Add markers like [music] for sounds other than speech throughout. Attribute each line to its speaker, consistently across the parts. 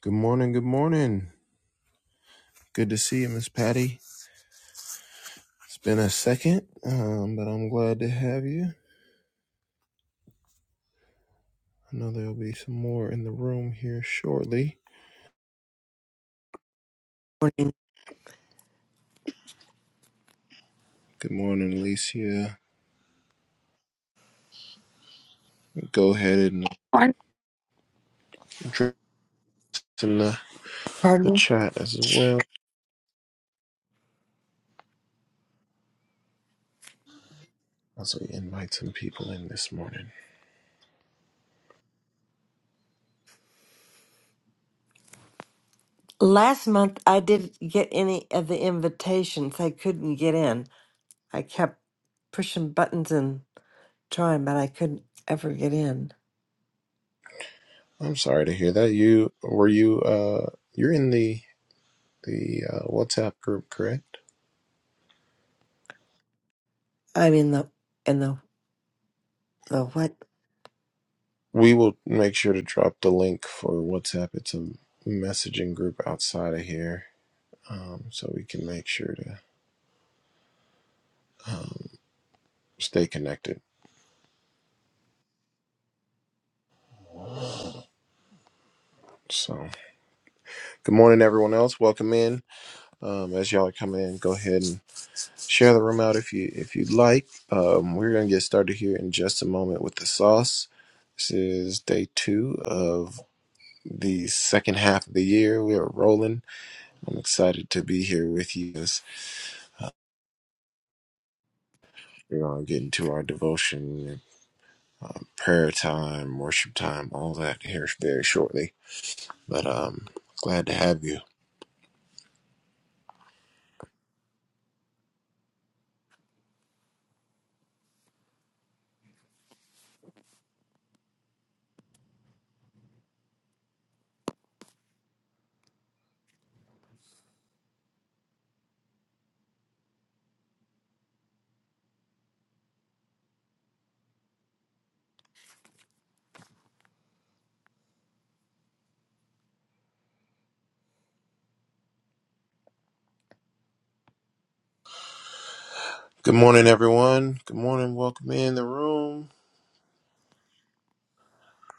Speaker 1: Good morning. Good morning. Good to see you, Miss Patty. It's been a second, um, but I'm glad to have you. I know there'll be some more in the room here shortly.
Speaker 2: morning.
Speaker 1: Good morning, Alicia. Go ahead and
Speaker 3: Morning,
Speaker 1: drop in the, the
Speaker 2: Pardon?
Speaker 1: chat as well. Also, invite some people in this morning.
Speaker 2: Last month, I didn't get any of the invitations. I couldn't get in. I kept pushing buttons and trying, but I couldn't ever get in.
Speaker 1: I'm sorry to hear that. You were you uh you're in the the uh, WhatsApp group, correct?
Speaker 2: I'm in the in the the what?
Speaker 1: We will make sure to drop the link for WhatsApp. It's a messaging group outside of here, um, so we can make sure to um, stay connected. So, good morning, everyone else. Welcome in. Um, as y'all are coming in, go ahead and share the room out if you if you'd like. Um, we're gonna get started here in just a moment with the sauce. This is day two of the second half of the year. We are rolling. I'm excited to be here with you. as We are getting to our devotion um, prayer time, worship time, all that here very shortly. But um, glad to have you. Good morning, everyone. Good morning. Welcome in the room.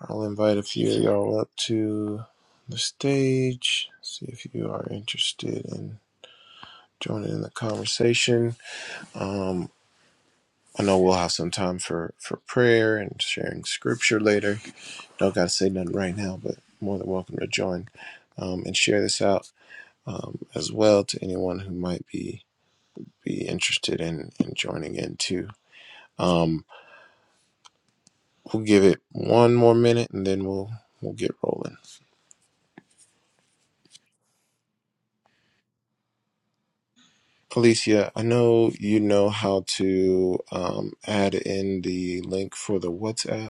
Speaker 1: I'll invite a few of y'all up to the stage. See if you are interested in joining in the conversation. Um, I know we'll have some time for for prayer and sharing scripture later. Don't got to say nothing right now, but more than welcome to join um, and share this out um, as well to anyone who might be be interested in, in joining in too. Um, we'll give it one more minute and then we'll we'll get rolling. Alicia, I know you know how to um, add in the link for the WhatsApp.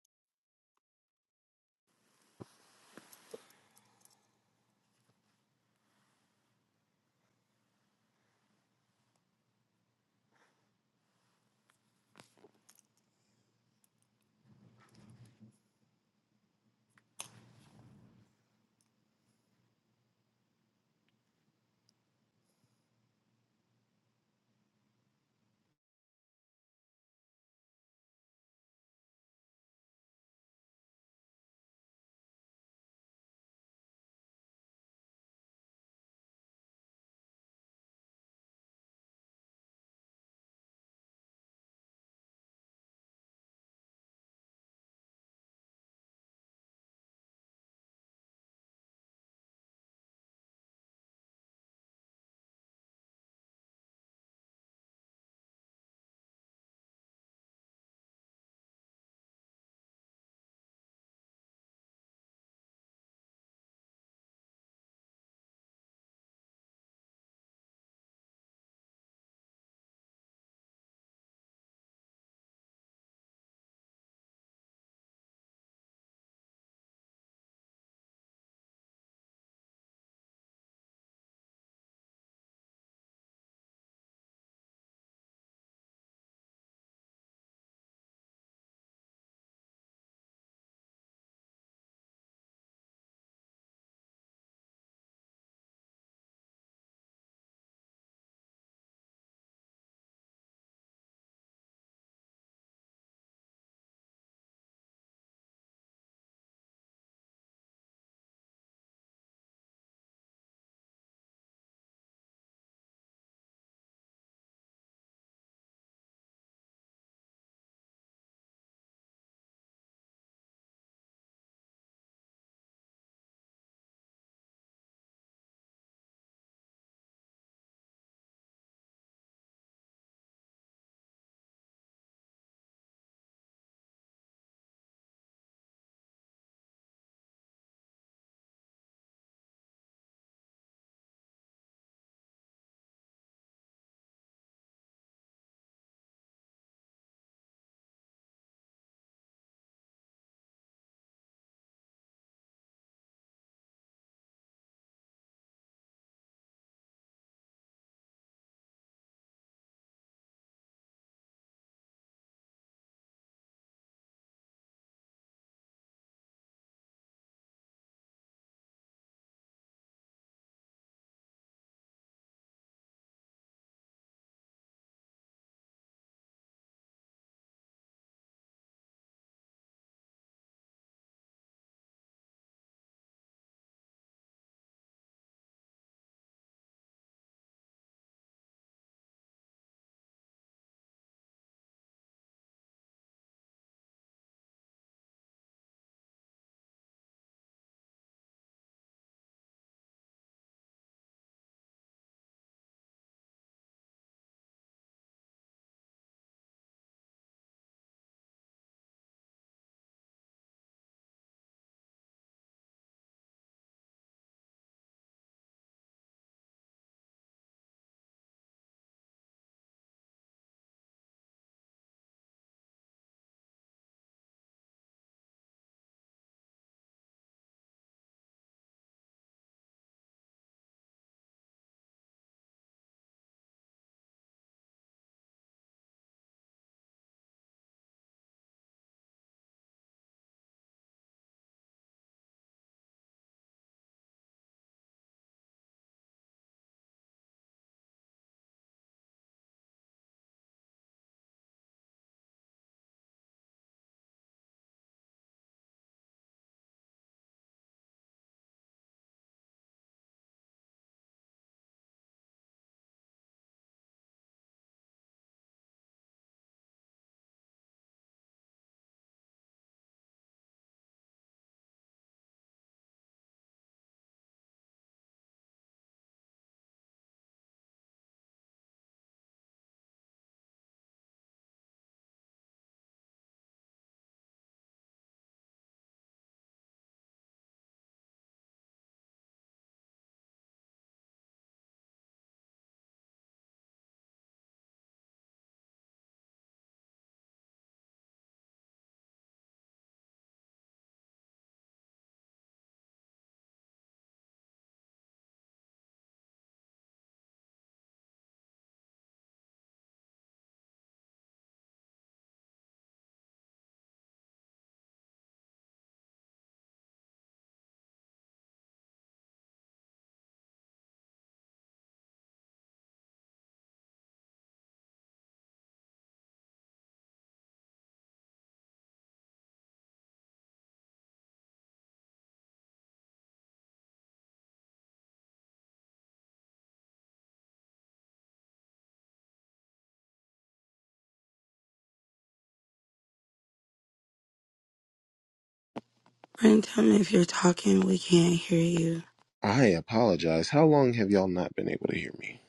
Speaker 3: Brentum. If you're talking, we can't hear you.
Speaker 1: I apologize. How long have y'all not been able to hear me?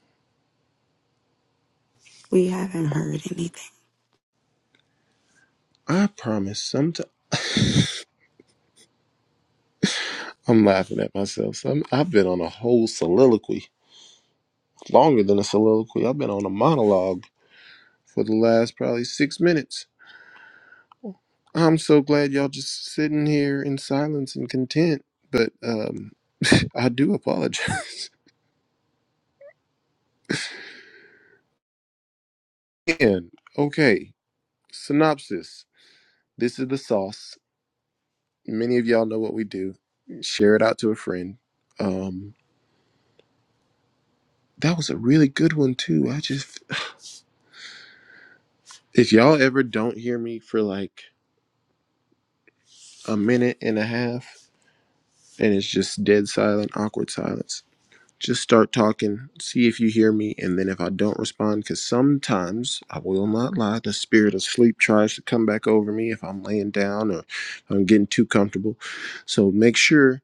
Speaker 3: We haven't heard anything.
Speaker 1: I promise. Sometimes I'm laughing at myself. Some I've been on a whole soliloquy longer than a soliloquy. I've been on a monologue for the last probably six minutes. I'm so glad y'all just sitting here in silence and content. But um, [laughs] I do apologize. [laughs] and okay, synopsis. This is the sauce. Many of y'all know what we do. Share it out to a friend. Um, that was a really good one too. I just, if y'all ever don't hear me for like a minute and a half, and it's just dead silent, awkward silence Just start talking, see if you hear me, and then if I don't respond, because sometimes I will not lie, the spirit of sleep tries to come back over me if I'm laying down or if I'm getting too comfortable. So make sure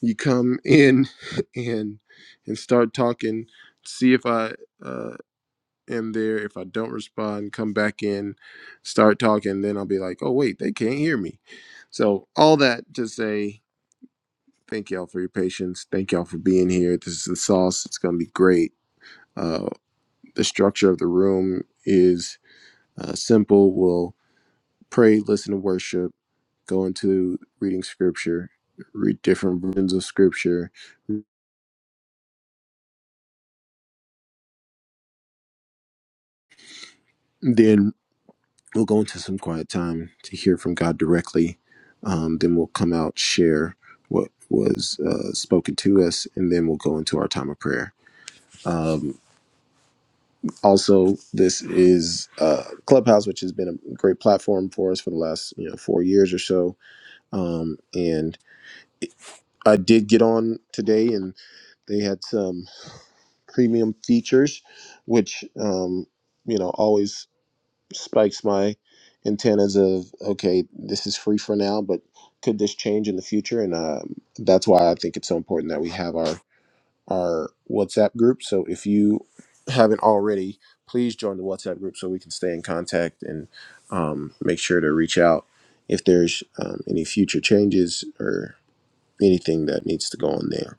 Speaker 1: you come [laughs] in and and start talking. See if I uh, am there. If I don't respond, come back in, start talking. Then I'll be like, oh wait, they can't hear me. So all that to say, thank y'all for your patience. Thank y'all for being here. This is the sauce. It's gonna be great uh, the structure of the room is uh, simple. We'll pray, listen to worship, go into reading scripture, read different versions of scripture. Then we'll go into some quiet time to hear from God directly. Um, then we'll come out, share what was uh, spoken to us, and then we'll go into our time of prayer. Um, also, this is uh, Clubhouse, which has been a great platform for us for the last you know four years or so. Um, and I did get on today, and they had some premium features, which um, you know always spikes my antennas of okay, this is free for now, but could this change in the future? And um, that's why I think it's so important that we have our our WhatsApp group. So if you haven't already, please join the WhatsApp group so we can stay in contact and um, make sure to reach out if there's um, any future changes or anything that needs to go on there.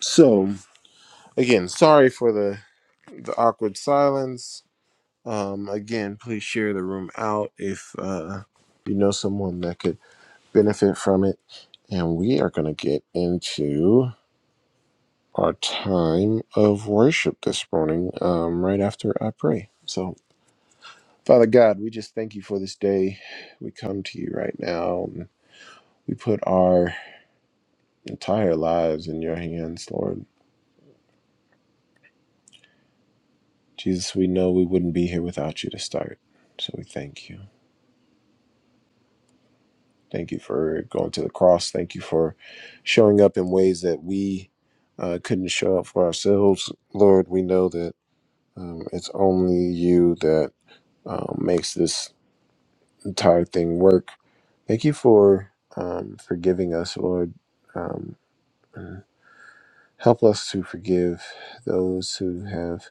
Speaker 1: So again, sorry for the the awkward silence. Um, again, please share the room out if uh, you know someone that could benefit from it. And we are going to get into our time of worship this morning, um, right after I pray. So, Father God, we just thank you for this day. We come to you right now. And we put our entire lives in your hands, Lord. Jesus, we know we wouldn't be here without you to start. So we thank you. Thank you for going to the cross. Thank you for showing up in ways that we uh, couldn't show up for ourselves. Lord, we know that um, it's only you that um, makes this entire thing work. Thank you for um, forgiving us, Lord. Um, and help us to forgive those who have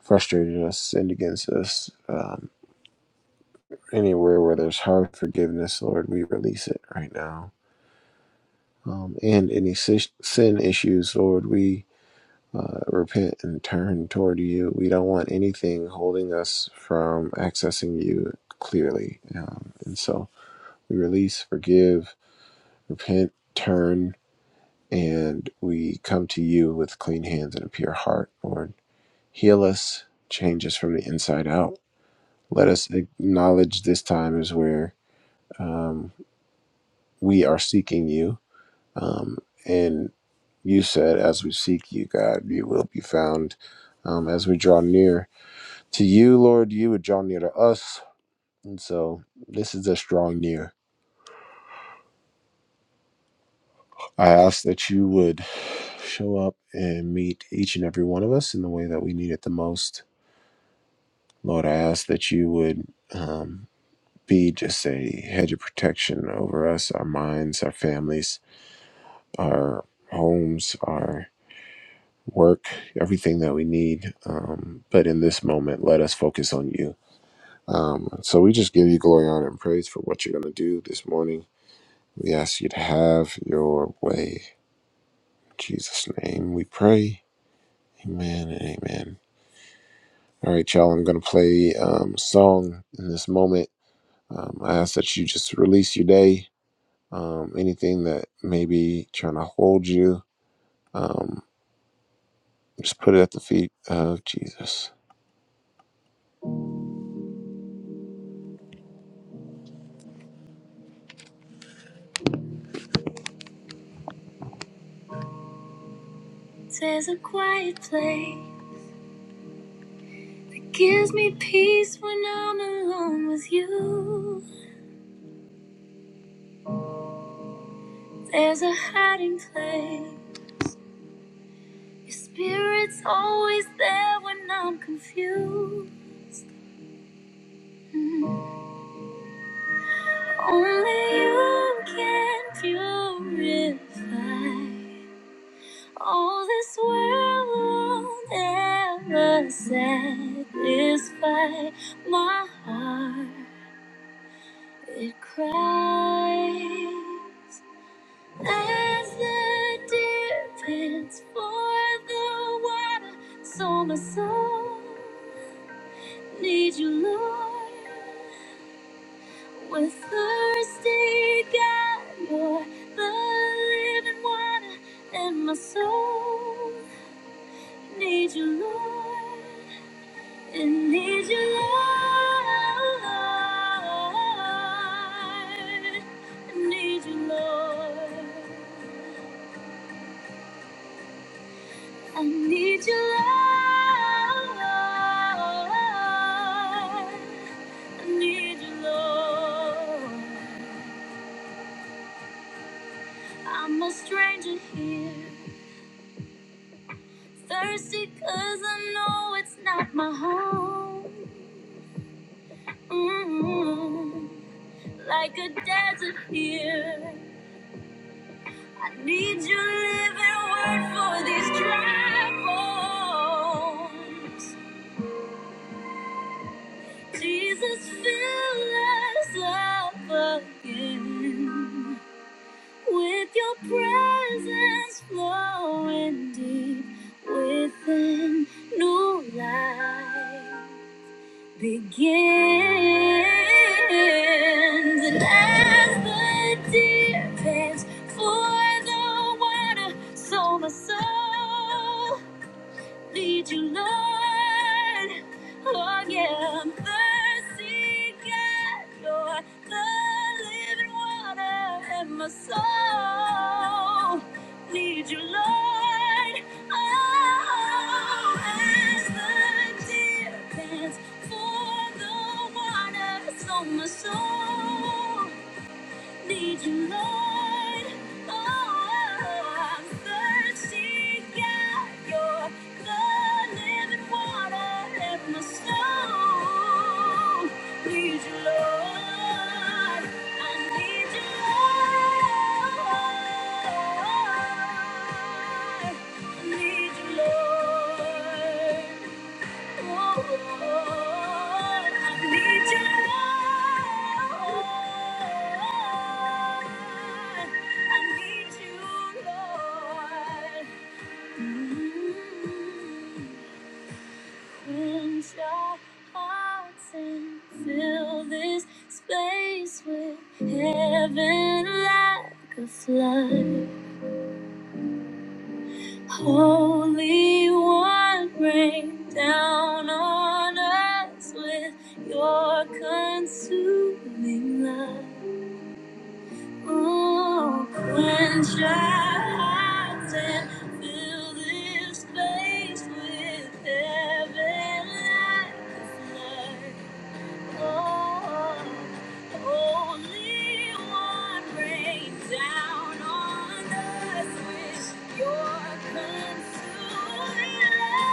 Speaker 1: frustrated us, sinned against us. Um, anywhere where there's hard forgiveness, Lord, we release it right now. um, and any sis- sin issues, Lord, we uh, repent and turn toward you. We don't want anything holding us from accessing you clearly. Um, and so we release, forgive, repent, turn, and we come to you with clean hands and a pure heart, Lord. Heal us, change us from the inside out. Let us acknowledge this time is where um, we are seeking you. Um, and You said, As we seek you, God, you will be found. Um, as we draw near to you, Lord, you would draw near to us. And so this is a strong near. I ask that you would show up and meet each and every one of us in the way that we need it the most. Lord, I ask that you would um, be just a hedge of protection over us, our minds, our families, our homes, our work, everything that we need. Um, but in this moment, let us focus on you Um, so we just give you glory, honor, and praise for what you're going to do this morning. We ask you to have your way. In Jesus' name we pray. Amen and amen. All right, y'all, I'm going to play um, a song in this moment. Um, I ask that you just release your day. Um, anything that may be trying to hold you, um, just put it at the feet of Jesus. There's a quiet place that gives me peace when I'm alone with you. There's a hiding place. Your spirit's always there when I'm confused. Mm. Only you can purify all this world won't ever satisfy my heart. It cries. As the deer pants for the water, so my soul needs you, Lord. We're thirsty, God, you're the living water, and my soul needs you, Lord. It needs you, Lord. It needs you, Lord. I need your love. I need your love. I'm a stranger here, thirsty 'cause I know it's not my home. mm Like a desert here, I need your living word for these dry bones. Jesus, fill us up again with your presence flowing deep within new life begins. And as the deer pants for the water, so my soul lead you, Lord. Oh, yeah, I'm thirsty, God. You're the living water, and my soul need you, Lord. Oh, as the deer pants for the water, so my soul. Need you, Lord. Oh, I'm thirsty. Got your blood, living water in my soul. Need you, Lord. I need you, Lord. I need you, Lord. Cleanse our hearts and fill this space with heaven like a flood. Holy One, rain down on us with your consuming love. Oh, quench our hearts and fill this place with heaven like a flood. Only one rain down on us with your consuming love.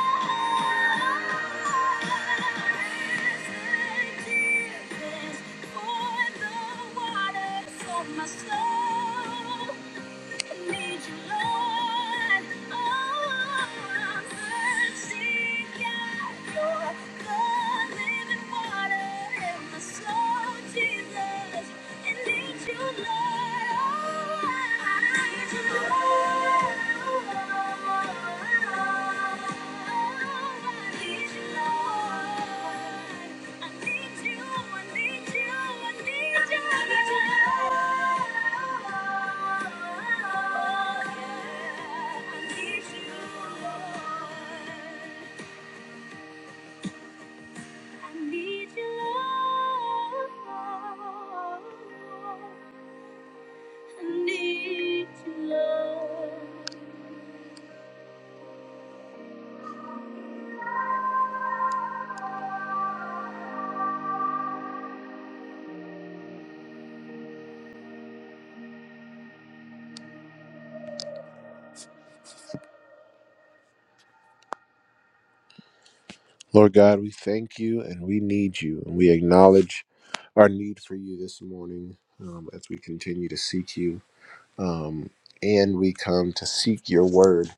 Speaker 1: Forgiveness for the waters of my soul. Lord, I need you, Lord. I need you, Lord. Lord God, we thank you and we need you, and we acknowledge our need for you this morning um, as we continue to seek you. Um, and we come to seek your word.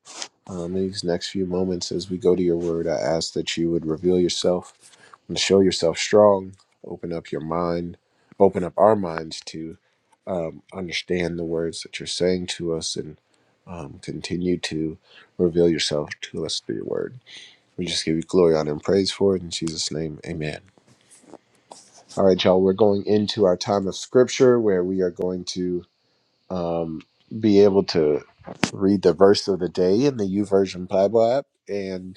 Speaker 1: Um, in these next few moments, as we go to your word, I ask that you would reveal yourself and show yourself strong, open up your mind, open up our minds to um, understand the words that you're saying to us, and um, continue to reveal yourself to us through your word. We just give you glory, honor, and praise for it. In Jesus' name, amen. All right, y'all, we're going into our time of scripture where we are going to um, be able to read the verse of the day in the U Version Bible app. And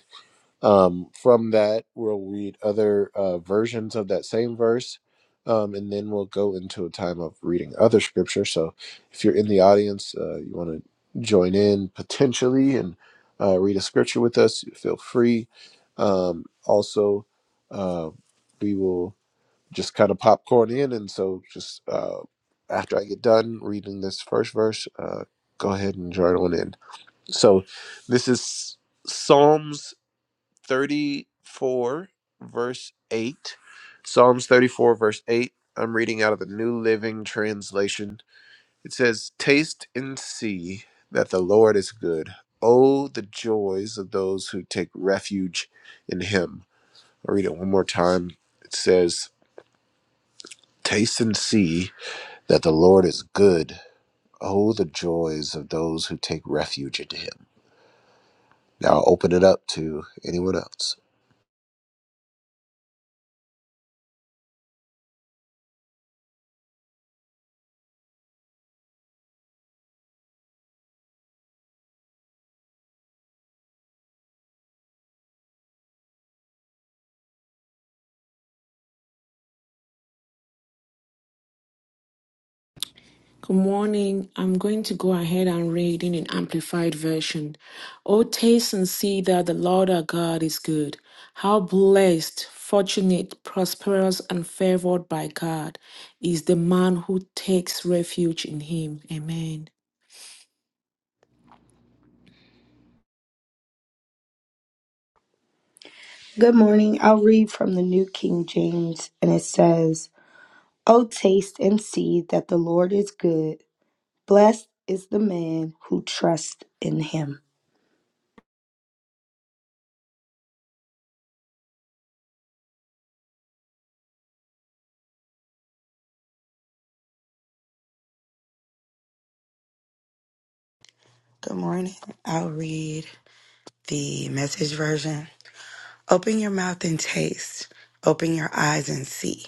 Speaker 1: um, from that, we'll read other uh, versions of that same verse, um, and then we'll go into a time of reading other scripture. So, if you're in the audience, uh, you want to join in potentially and uh, read a scripture with us, feel free. Um, also, uh, we will just kind of popcorn in, and so just uh, after I get done reading this first verse, uh, go ahead and join on in. So, this is Psalms. 34, verse 8. Psalms 34, verse 8. I'm reading out of the New Living Translation. It says, Taste and see that the Lord is good. Oh, the joys of those who take refuge in him. I'll read it one more time. It says, Taste and see that the Lord is good. Oh, the joys of those who take refuge in him. Now I'll open it up to anyone else.
Speaker 4: Good morning. I'm going to go ahead and read in an amplified version. Oh, taste and see that the Lord our God is good. How blessed, fortunate, prosperous, and favored by God is the man who takes refuge in him. Amen.
Speaker 5: Good morning. I'll read from the New King James, and it says, "O taste and see that the Lord is good. Blessed is the man who trusts in him.
Speaker 3: Good morning. I'll read the message version. Open your mouth and taste. Open your eyes and see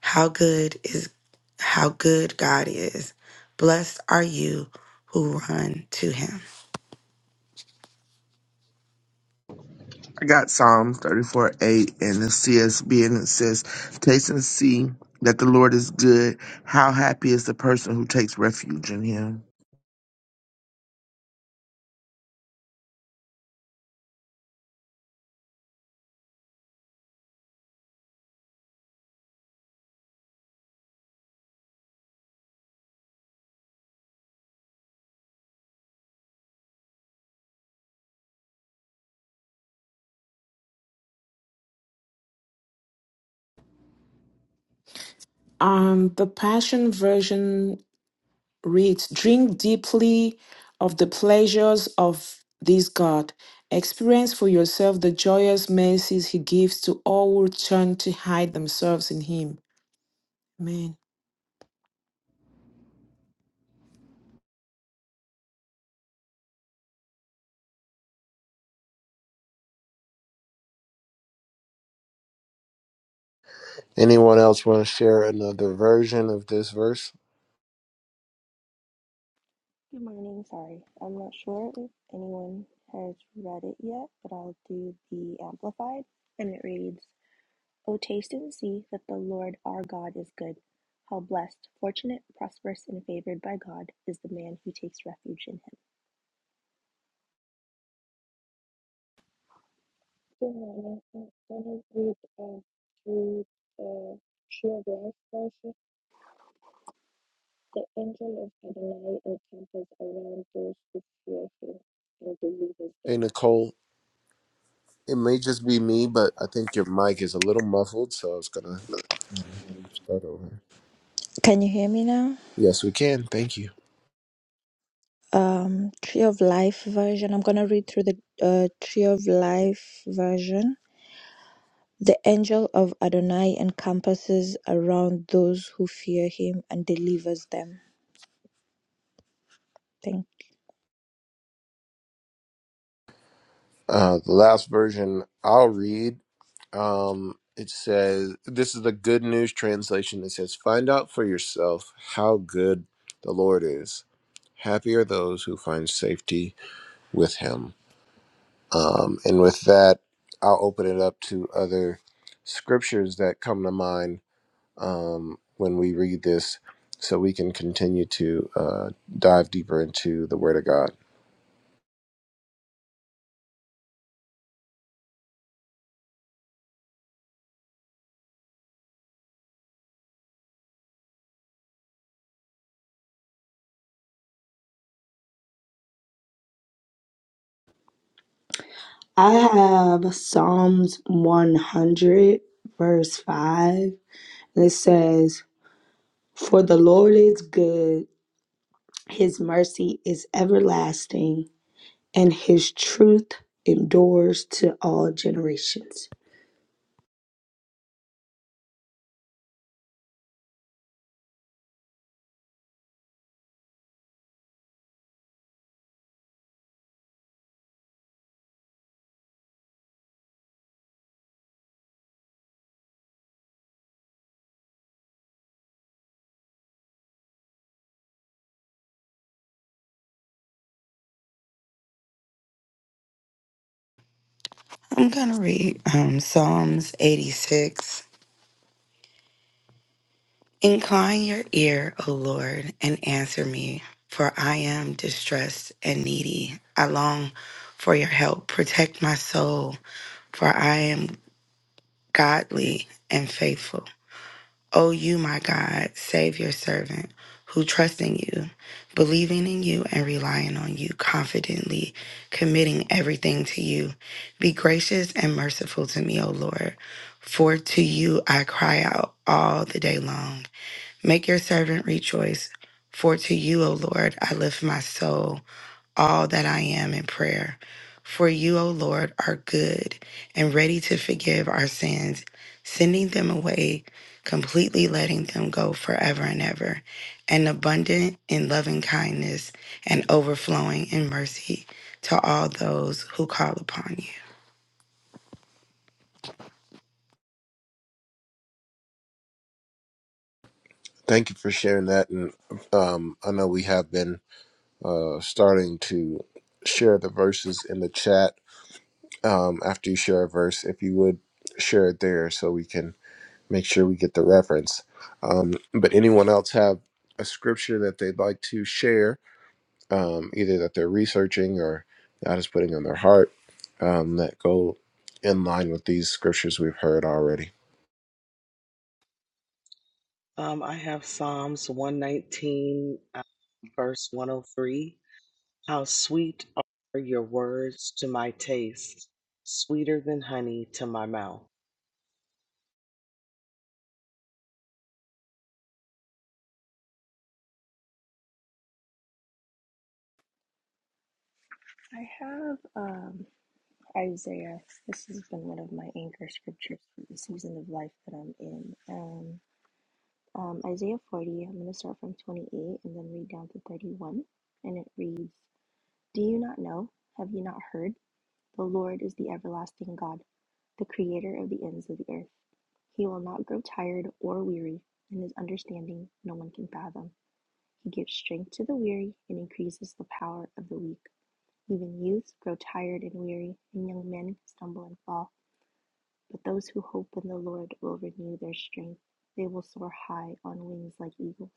Speaker 3: how good is how good God is. Blessed are you who run to him.
Speaker 6: I got Psalm 34 8 in the CSB, and it says, Taste and see that the Lord is good. How happy is the person who takes refuge in him.
Speaker 4: Um, the Passion Version Read, drink deeply of the pleasures of this God. Experience for yourself the joyous mercies He gives to all who turn to hide themselves in Him. Amen.
Speaker 1: Anyone else want to share another version of this verse?
Speaker 7: Good morning. Sorry, I'm not sure if anyone has read it yet, but I'll do the Amplified. And it reads O taste and see that the Lord our God is good. How blessed, fortunate, prosperous, and favored by God is the man who takes refuge in him.
Speaker 8: Genau, dann dann wird äh, through äh, sheer God's the angel of Adonai encampers around those who fear him and delivers
Speaker 1: Hey,
Speaker 8: them.
Speaker 1: Nicole, it may just be me, but I think your mic is a little muffled, so I was going to start over.
Speaker 8: Can you hear me now?
Speaker 1: Yes, we can. Thank you.
Speaker 8: Um, Tree of Life version. I'm gonna read through the uh, Tree of Life version. The angel of Adonai encompasses around those who fear him and delivers them. Thank.
Speaker 1: Uh, the last version I'll read. Um, it says, This is the Good News translation. It says, Find out for yourself how good the Lord is. Happy are those who find safety with him. Um, and with that, I'll open it up to other scriptures that come to mind um, when we read this so we can continue to uh, dive deeper into the Word of God.
Speaker 5: I have Psalms 100, verse 5, and it says, For the Lord is good, his mercy is everlasting, and his truth endures to all generations.
Speaker 3: I'm going to read um, Psalms 86 Incline your ear, O Lord, and answer me, for I am distressed and needy. I long for your help. Protect my soul, for I am godly and faithful. O you, my God, save your servant who trusts in you, believing in you and relying on you, confidently committing everything to you. Be gracious and merciful to me, O Lord, for to you I cry out all the day long. Make your servant rejoice, for to you, O Lord, I lift my soul, all that I am in prayer. For you, O Lord, are good and ready to forgive our sins, sending them away, completely letting them go forever and ever, and abundant in loving kindness and overflowing in mercy to all those who call upon you.
Speaker 1: Thank you for sharing that. And um, I know we have been uh, starting to share the verses in the chat. Um, after you share a verse, if you would share it there so we can make sure we get the reference. Um, but anyone else have a scripture that they'd like to share? um, either that they're researching or God is putting on their heart um, that go in line with these scriptures we've heard already.
Speaker 9: Um, I have Psalms 119, uh, verse 103. How sweet are your words to my taste, sweeter than honey to my mouth.
Speaker 7: I have um, Isaiah. This has been one of my anchor scriptures for the season of life that I'm in. Um, um, Isaiah 40, I'm going to start from 28 and then read down to 31. And it reads Do you not know? Have you not heard? The Lord is the everlasting God, the creator of the ends of the earth. He will not grow tired or weary, and his understanding no one can fathom. He gives strength to the weary and increases the power of the weak. Even youths grow tired and weary, and young men stumble and fall. But those who hope in the Lord will renew their strength. They will soar high on wings like eagles.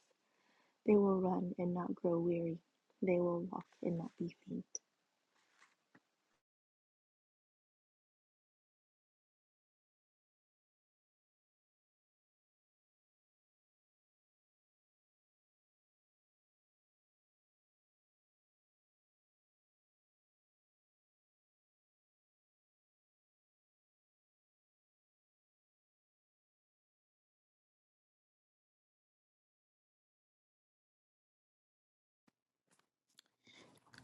Speaker 7: They will run and not grow weary. They will walk and not be faint.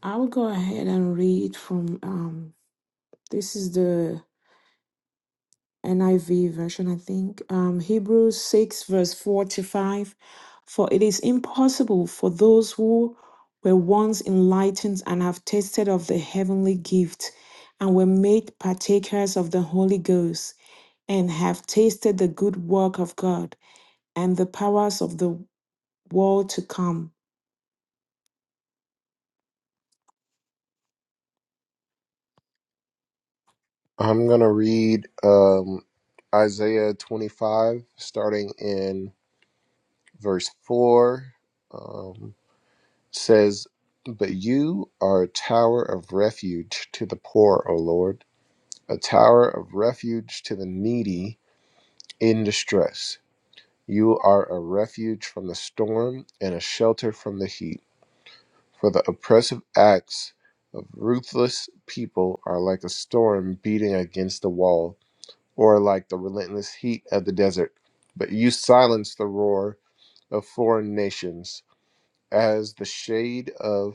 Speaker 4: I will go ahead and read from um, this is the NIV version, I think. Um, Hebrews 6, verse 4 to 5. For it is impossible for those who were once enlightened and have tasted of the heavenly gift and were made partakers of the Holy Ghost and have tasted the good work of God and the powers of the world to come.
Speaker 1: I'm going to read um, Isaiah 25, starting in verse 4. Um, says, But you are a tower of refuge to the poor, O Lord, a tower of refuge to the needy in distress. You are a refuge from the storm and a shelter from the heat For the oppressive acts of ruthless people are like a storm beating against a wall, or like the relentless heat of the desert. But you silence the roar of foreign nations. As the shade of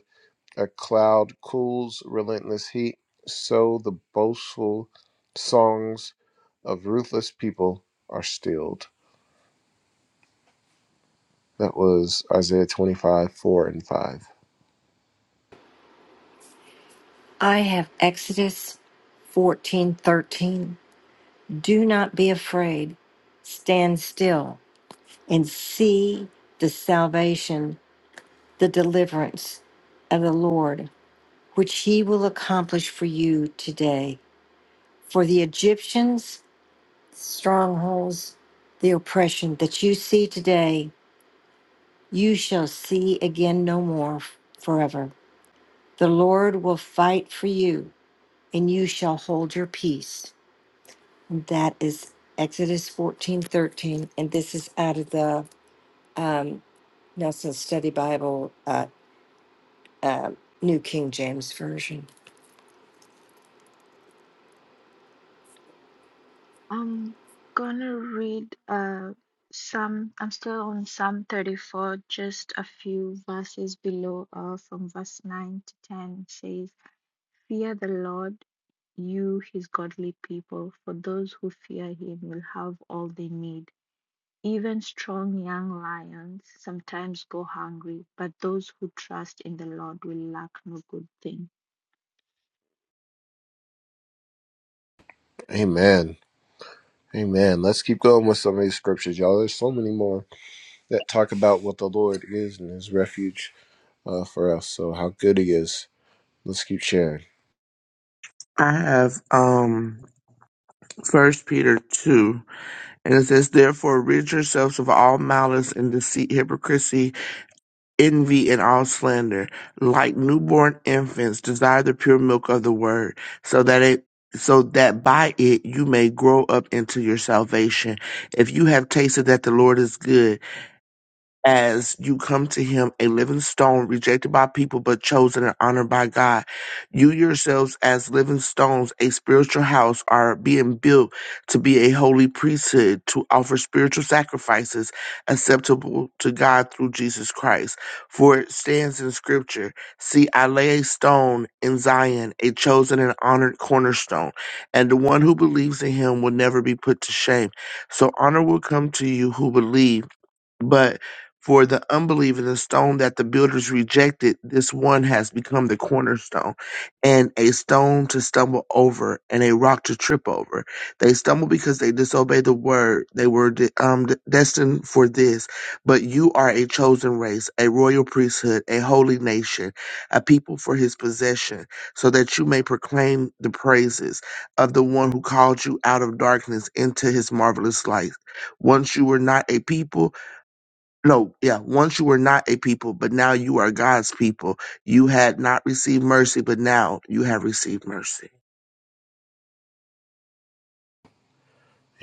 Speaker 1: a cloud cools relentless heat, so the boastful songs of ruthless people are stilled. That was Isaiah 25, 4 and 5.
Speaker 2: I have Exodus 14:13. Do not be afraid. Stand still. and see the salvation, the deliverance of the Lord, which he will accomplish for you today. For the Egyptians, strongholds, the oppression that you see today, you shall see again no more forever. The Lord will fight for you, and you shall hold your peace. And that is Exodus fourteen thirteen, And this is out of the um, Nelson Study Bible uh, um, New King James Version.
Speaker 8: I'm gonna read uh some I'm still on Psalm 34, just a few verses below uh from verse 9 to 10 it says, Fear the Lord, you his godly people, for those who fear him will have all they need. Even strong young lions sometimes go hungry, but those who trust in the Lord will lack no good thing.
Speaker 1: Amen. Amen. Let's keep going with some of these scriptures, y'all. There's so many more that talk about what the Lord is and His refuge uh, for us. So how good He is. Let's keep sharing.
Speaker 6: I have um First Peter 2, and it says, Therefore, rid yourselves of all malice and deceit, hypocrisy, envy, and all slander. Like newborn infants, desire the pure milk of the word, so that it so that by it you may grow up into your salvation. If you have tasted that the Lord is good, as you come to him a living stone rejected by people but chosen and honored by God. You yourselves as living stones, a spiritual house are being built to be a holy priesthood to offer spiritual sacrifices acceptable to God through Jesus Christ. For it stands in scripture, see I lay a stone in Zion, a chosen and honored cornerstone, and the one who believes in him will never be put to shame. So honor will come to you who believe but for the unbeliever, the stone that the builders rejected, this one has become the cornerstone and a stone to stumble over and a rock to trip over. They stumble because they disobeyed the word. They were de- um, de- destined for this. But you are a chosen race, a royal priesthood, a holy nation, a people for his possession, so that you may proclaim the praises of the one who called you out of darkness into his marvelous light. Once you were not a people, no, yeah. Once you were not a people, but now you are God's people. You had not received mercy, but now you have received mercy.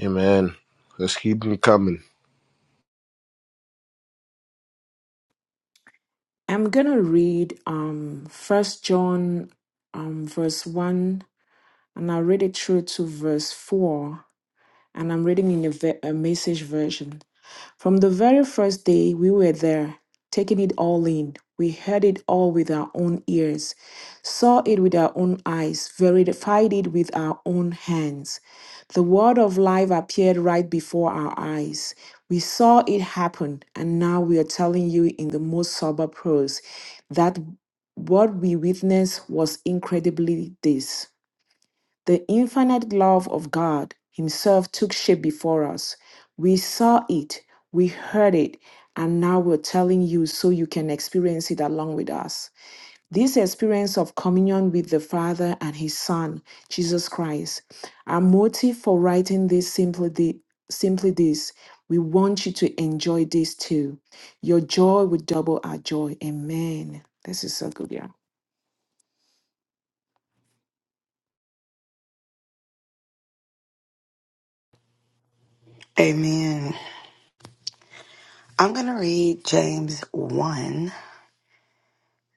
Speaker 1: Amen. Let's keep them coming.
Speaker 4: I'm gonna read um first John um verse one and I'll read it through to verse four and I'm reading in a, ve- a message version. From the very first day we were there, taking it all in, we heard it all with our own ears, saw it with our own eyes, verified it with our own hands. The word of life appeared right before our eyes. We saw it happen, and now we are telling you in the most sober prose that what we witnessed was incredibly this. The infinite love of God Himself took shape before us. We saw it, we heard it, and now we're telling you so you can experience it along with us. This experience of communion with the Father and His Son, Jesus Christ, our motive for writing this simply, thi- simply this. We want you to enjoy this too. Your joy will double our joy. Amen. This is so good, y'all.
Speaker 3: Amen. I'm going to read James 1.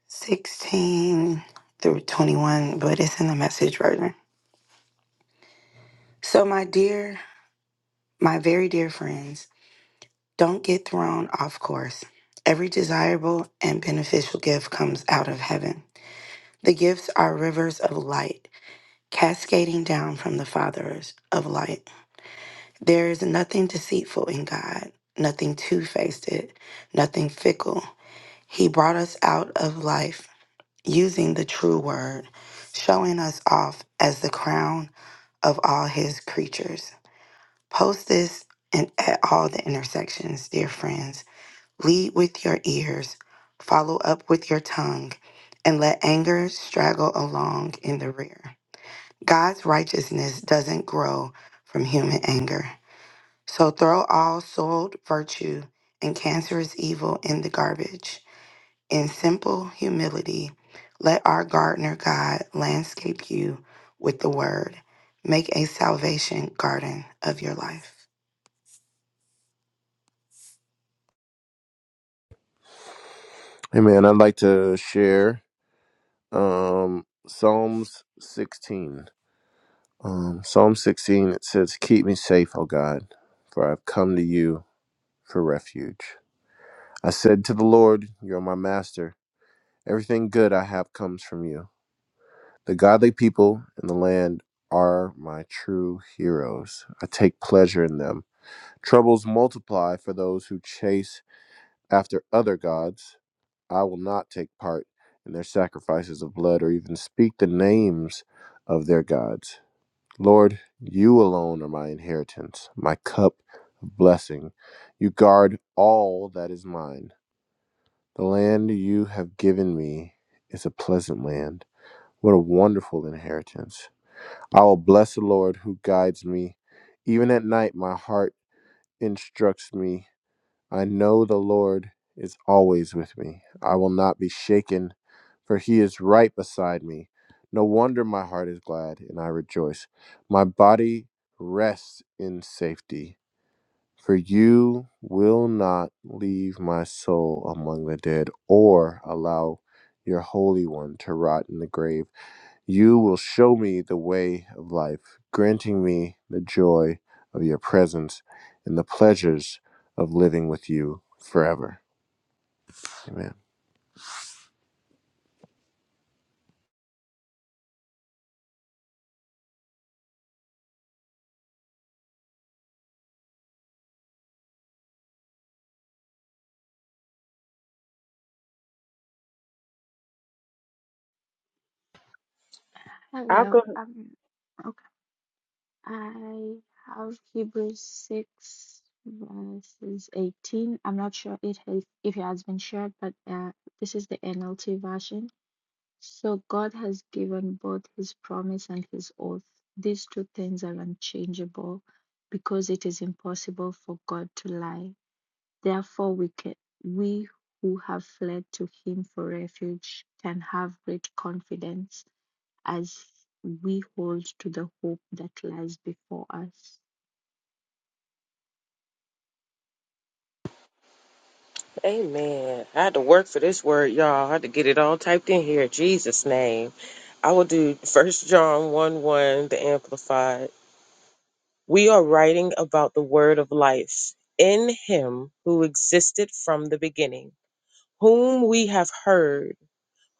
Speaker 3: 16 through 21, but it's in the message version. So, my dear, my very dear friends, don't get thrown off course. Every desirable and beneficial gift comes out of heaven. The gifts are rivers of light, cascading down from the fathers of light. There is nothing deceitful in God, nothing two faced, nothing fickle. He brought us out of life using the true word, showing us off as the crown of all his creatures. Post this and at all the intersections, dear friends. Lead with your ears, follow up with your tongue, and let anger straggle along in the rear. God's righteousness doesn't grow from human anger. So throw all soiled virtue and cancerous evil in the garbage. In simple humility, let our gardener God landscape you with the word. Make a salvation garden of your life.
Speaker 1: Amen. I'd like to share um, Psalms 16. Um, Psalm 16 it says, "Keep me safe, O God, for I've come to you for refuge." I said to the Lord, "You're my master. Everything good I have comes from you." The godly people in the land are my true heroes. I take pleasure in them. Troubles multiply for those who chase after other gods. I will not take part in their sacrifices of blood or even speak the names of their gods. Lord, you alone are my inheritance, my cup of blessing. You guard all that is mine. The land you have given me is a pleasant land. What a wonderful inheritance. I will bless the Lord who guides me. Even at night, my heart instructs me. I know the Lord is always with me. I will not be shaken, for he is right beside me. No wonder my heart is glad and I rejoice. My body rests in safety, for you will not leave my soul among the dead or allow your Holy One to rot in the grave. You will show me the way of life, granting me the joy of your presence and the pleasures of living with you forever. Amen.
Speaker 10: I
Speaker 8: Hello.
Speaker 10: go,
Speaker 8: Um I have Hebrews 6 verses 18. I'm not sure it has, if it has been shared, but uh, this is the NLT version. So God has given both his promise and his oath. These two things are unchangeable because it is impossible for God to lie. Therefore, we can, we who have fled to him for refuge can have great confidence as we hold to the hope that lies before us.
Speaker 10: amen. I had to work for this word, y'all. I had to get it all typed in here. Jesus' name. I will do First John 1 1, the Amplified. We are writing about the word of life in him who existed from the beginning, whom we have heard,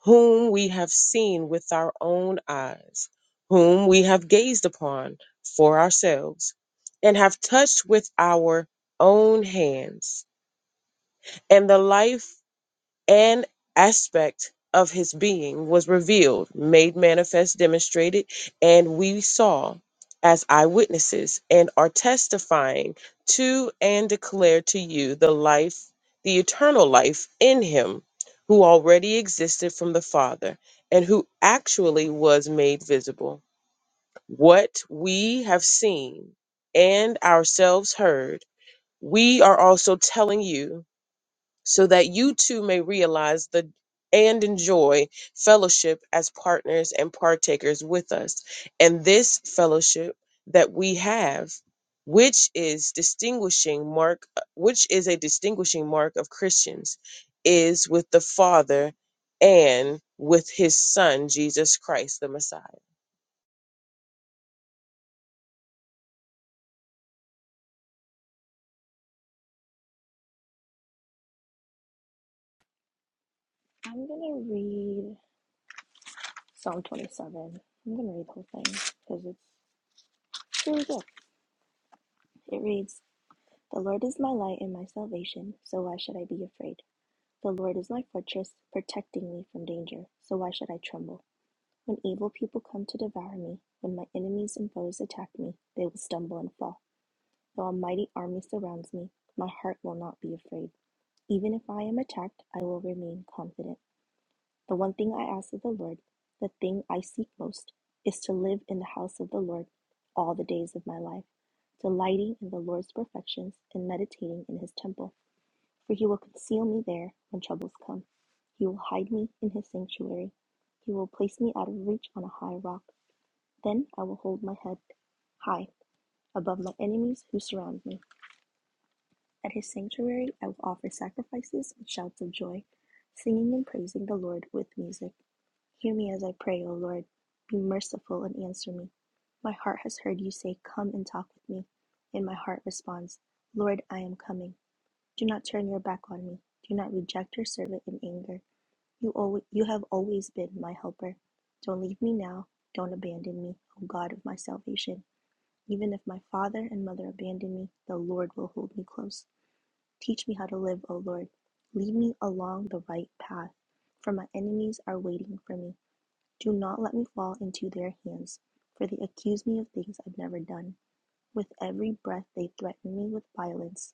Speaker 10: whom we have seen with our own eyes, whom we have gazed upon for ourselves, and have touched with our own hands and the life an aspect of his being was revealed, made manifest, demonstrated, and we saw as eyewitnesses and are testifying to and declare to you the life, the eternal life in him who already existed from the Father and who actually was made visible. What we have seen and ourselves heard, we are also telling you so that you too may realize the and enjoy fellowship as partners and partakers with us. And this fellowship that we have, which is distinguishing mark, which is a distinguishing mark of Christians, is with the Father and with his son Jesus Christ the Messiah.
Speaker 7: I'm going to read Psalm 27. I'm going to read the whole thing because it's really good. It reads The Lord is my light and my salvation, so why should I be afraid? The Lord is my fortress, protecting me from danger, so why should I tremble? When evil people come to devour me, when my enemies and foes attack me, they will stumble and fall. Though a mighty army surrounds me, my heart will not be afraid. Even if I am attacked, I will remain confident. The one thing I ask of the Lord, the thing I seek most, is to live in the house of the Lord all the days of my life, delighting in the Lord's perfections and meditating in his temple. For he will conceal me there when troubles come. He will hide me in his sanctuary. He will place me out of reach on a high rock. Then I will hold my head high above my enemies who surround me. At his sanctuary I will offer sacrifices with shouts of joy, singing and praising the Lord with music. Hear me as I pray, O Lord. Be merciful and answer me. My heart has heard you say, Come and talk with me. And my heart responds, Lord, I am coming. Do not turn your back on me. Do not reject your servant in anger. You, always, you have always been my helper. Don't leave me now. Don't abandon me, O God of my salvation. Even if my father and mother abandon me, the Lord will hold me close. Teach me how to live, O Lord. Lead me along the right path, for my enemies are waiting for me. Do not let me fall into their hands, for they accuse me of things I've never done. With every breath they threaten me with violence.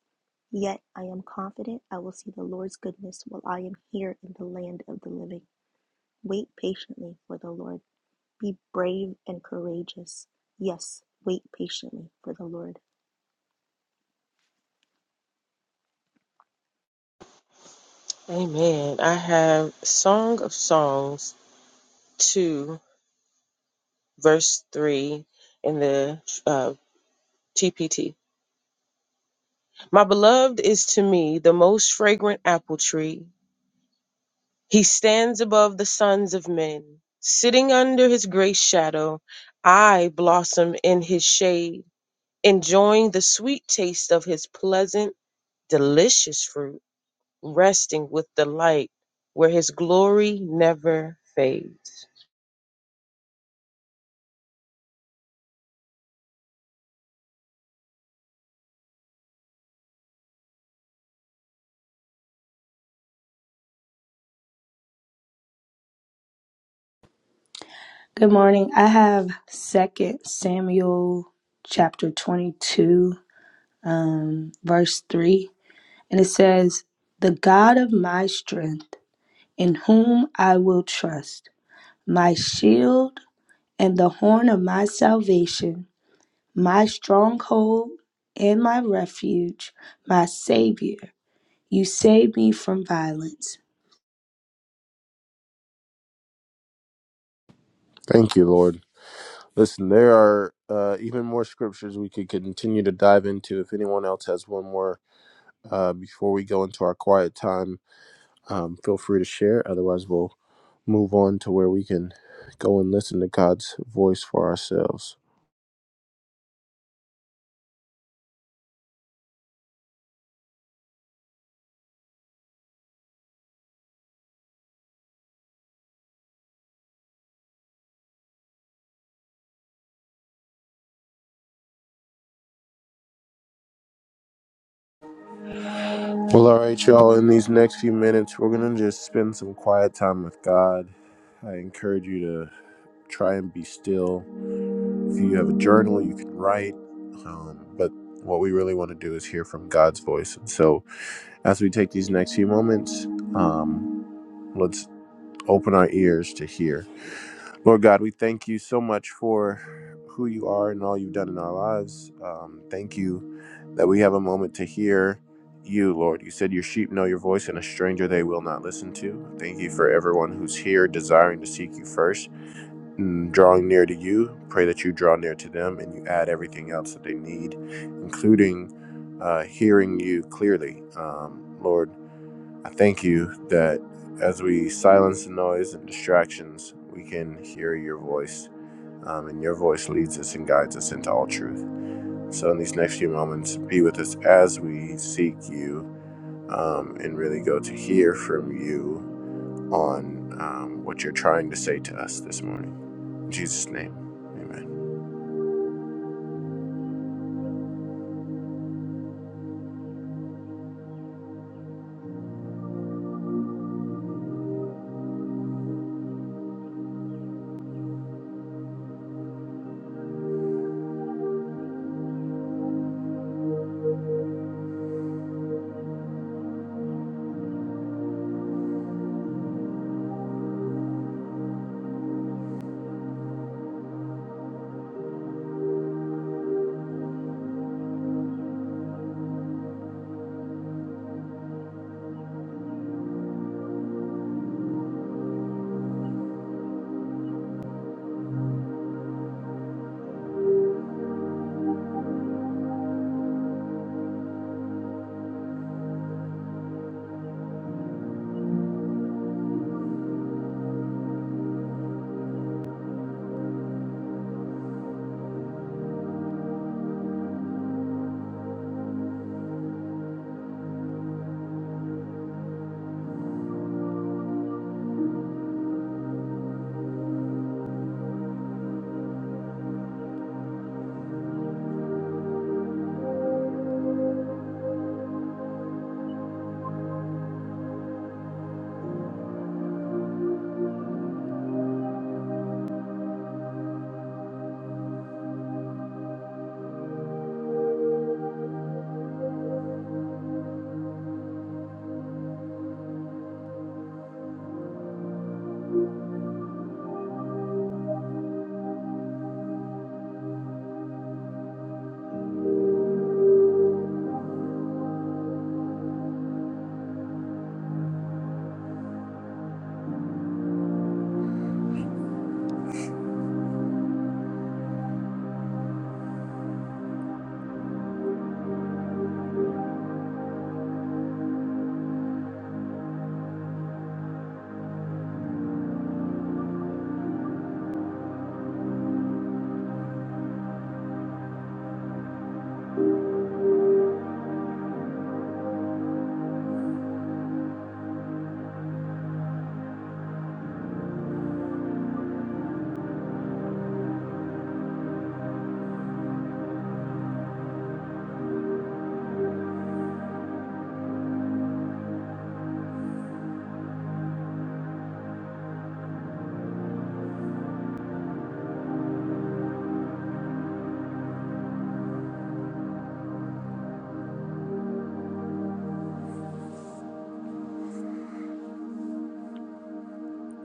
Speaker 7: Yet I am confident I will see the Lord's goodness while I am here in the land of the living. Wait patiently for the Lord. Be brave and courageous. Yes, wait patiently for the Lord.
Speaker 10: Amen. I have Song of Songs 2 verse 3 in the uh, TPT. My beloved is to me the most fragrant apple tree. He stands above the sons of men. Sitting under his grace shadow, I blossom in his shade, enjoying the sweet taste of his pleasant, delicious fruit, resting with delight where his glory never fades.
Speaker 5: Good morning. I have Second Samuel chapter 22, um, verse 3, and it says, The God of my strength, in whom I will trust, my shield and the horn of my salvation, my stronghold and my refuge, my Savior, you save me from violence.
Speaker 1: Thank you, Lord. Listen, there are uh, even more scriptures we could continue to dive into. If anyone else has one more uh, before we go into our quiet time, um, feel free to share. Otherwise, we'll move on to where we can go and listen to God's voice for ourselves. Well, all right, y'all. In these next few minutes, we're going to just spend some quiet time with God. I encourage you to try and be still. If you have a journal, you can write. Um, but what we really want to do is hear from God's voice. And so, as we take these next few moments, um, let's open our ears to hear. Lord God, we thank you so much for who you are and all you've done in our lives. Um, thank you that we have a moment to hear you, Lord. You said your sheep know your voice and a stranger they will not listen to. Thank you for everyone who's here desiring to seek you first and drawing near to you. Pray that you draw near to them and you add everything else that they need, including uh, hearing you clearly. Um, Lord, I thank you that as we silence the noise and distractions, we can hear your voice, um, and your voice leads us and guides us into all truth. So, in these next few moments, be with us as we seek you um, and really go to hear from you on um, what you're trying to say to us this morning. In Jesus' name, amen.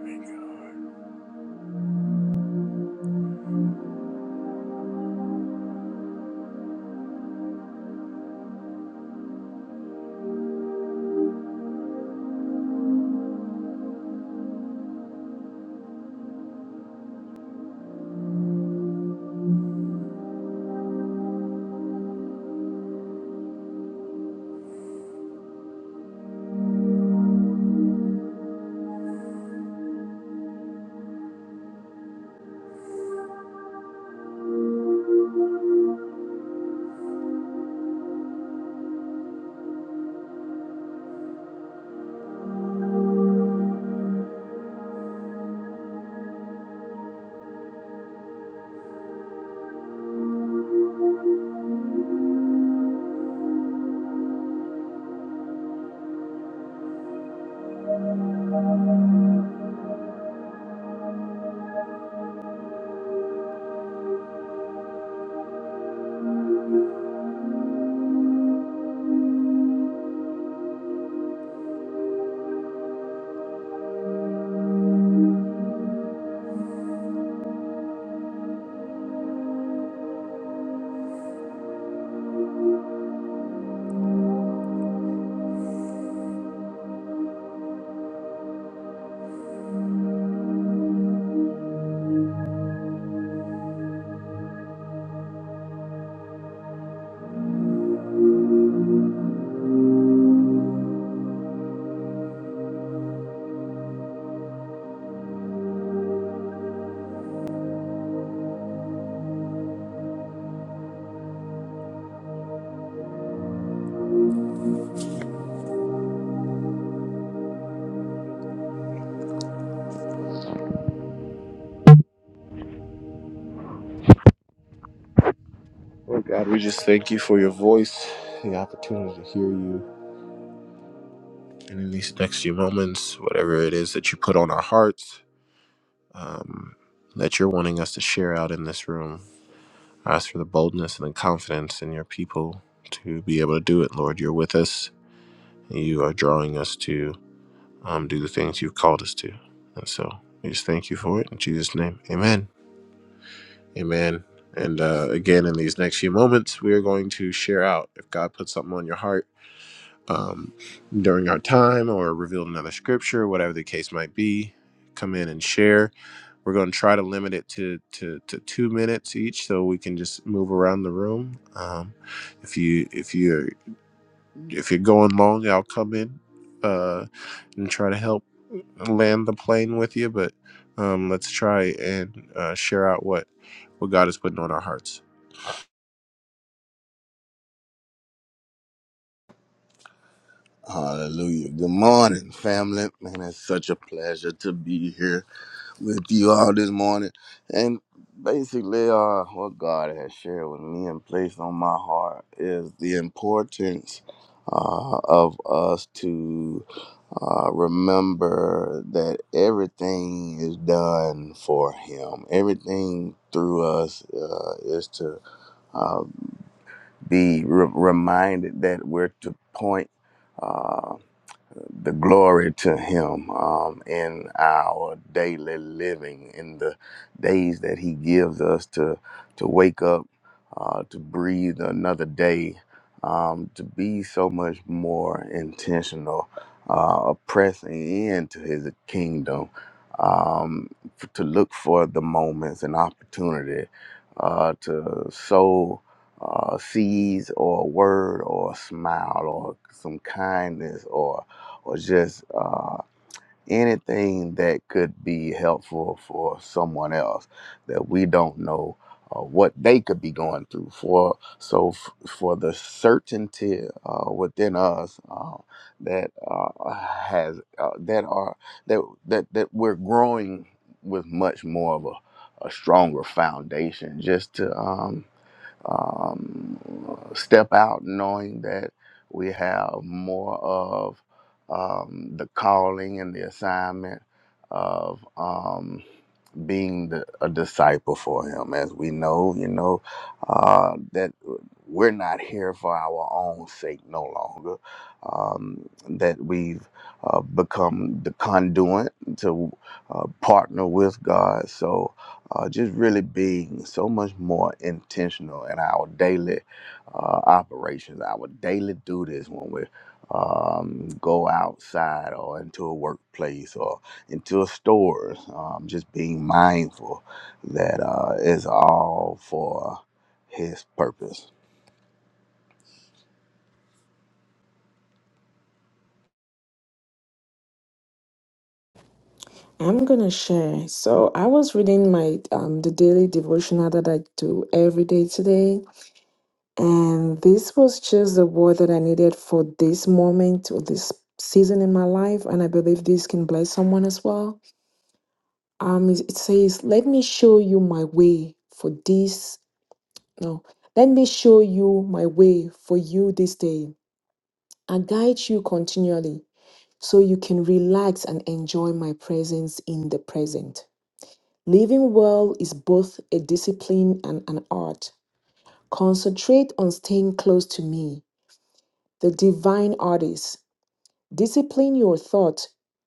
Speaker 1: Thank you, Lord Lord God, we just thank you for your voice, the opportunity to hear you. And in these next few moments, whatever it is that you put on our hearts, um, that you're wanting us to share out in this room. I ask for the boldness and the confidence in your people to be able to do it, Lord. You're with us. You are drawing us to um, do the things you've called us to. And so we just thank you for it. In Jesus' name, amen. Amen. And uh, again, in these next few moments, we are going to share out. If God puts something on your heart um, during our time or revealed another scripture, whatever the case might be, come in and share. We're going to try to limit it to, to, to two minutes each, so we can just move around the room. Um, if you if you if you're going long, I'll come in uh, and try to help land the plane with you. But um, let's try and uh, share out what what God is putting on our hearts.
Speaker 11: Hallelujah. Good morning, family. Man, it's such a pleasure to be here with you all this morning. And basically, uh, what God has shared with me and placed on my heart is the importance uh, of us to uh, remember that everything is done for Him. Everything through us uh, is to uh, be re- reminded that we're to point. uh, the glory to him um, in our daily living in the days that he gives us to to wake up uh, to breathe another day um, to be so much more intentional uh, pressing into his kingdom um, f- to look for the moments and opportunity uh, to sow uh, seeds or a word or a smile or some kindness or or just uh, anything that could be helpful for someone else that we don't know uh, what they could be going through for so f- for the certainty uh, within us uh, that uh, has uh, that are that that that we're growing with much more of a, a stronger foundation just to um, um, step out knowing that we have more of um, the calling and the assignment of um, being the, a disciple for him. As we know, you know, uh, that we're not here for our own sake no longer, um, that we've uh, become the conduit to uh, partner with God. So uh, just really being so much more intentional in our daily uh, operations, our daily duties when we um, go outside or into a workplace or into stores. Um, just being mindful that uh, it's all for His purpose.
Speaker 4: I'm gonna share. So I was reading my um the daily devotional that I do every day today, and this was just the word that I needed for this moment or this season in my life, and I believe this can bless someone as well. Um, it it says, "Let me show you my way for this." No, let me show you my way for you this day. I guide you continually so you can relax and enjoy my presence in the present. Living well is both a discipline and an art. Concentrate on staying close to me, the divine artist. Discipline your thought